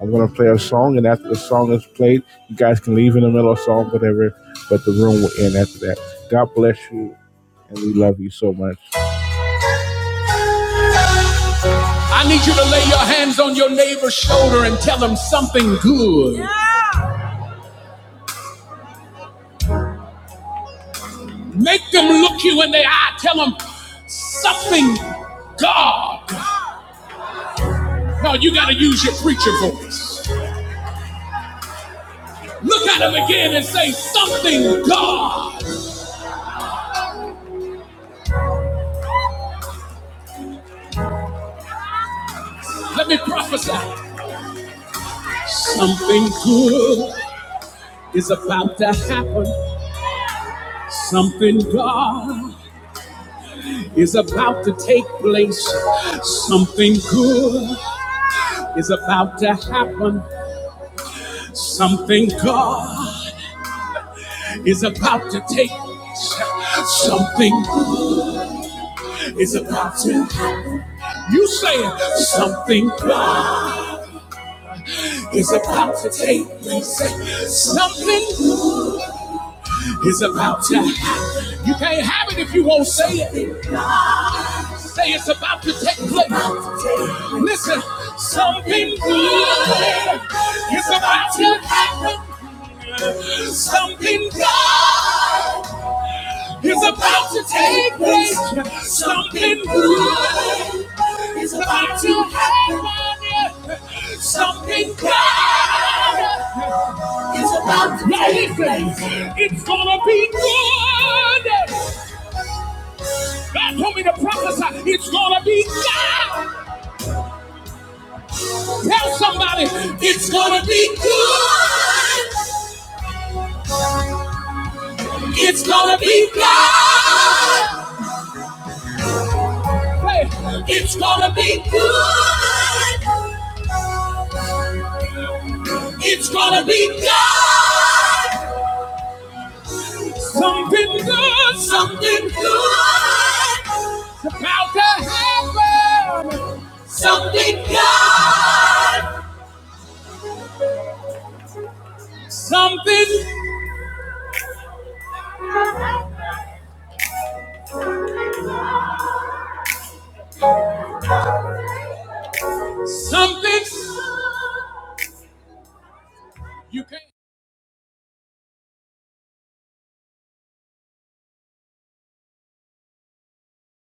Speaker 1: I'm going to play a song, and after the song is played, you guys can leave in the middle of the song, whatever, but the room will end after that. God bless you, and we love you so much. I need you to lay your hands on your neighbor's shoulder and tell them something good. Make them look you in the eye. Tell them something, God. No, you got to use your preacher voice. Look at them again and say something, God. Let me prophesy. Something good is about to happen. Something, God, is about to take place. Something good is about to happen. Something, God, is about to take place. Something is about to happen. You saying something is about to take place. Something is about to happen. You can't have it if you won't say it. Say it's about to take place. Listen, something good is about to happen. Something good is about to take place. Something good is about to happen. Something good is about to It's gonna be good. God told me to prophesy. It's gonna be good. Tell somebody, it's gonna be good. It's gonna be good. It's gonna be good. It's gonna be good. something good. Something good. About to happen. Something good. Something. Something. You can't.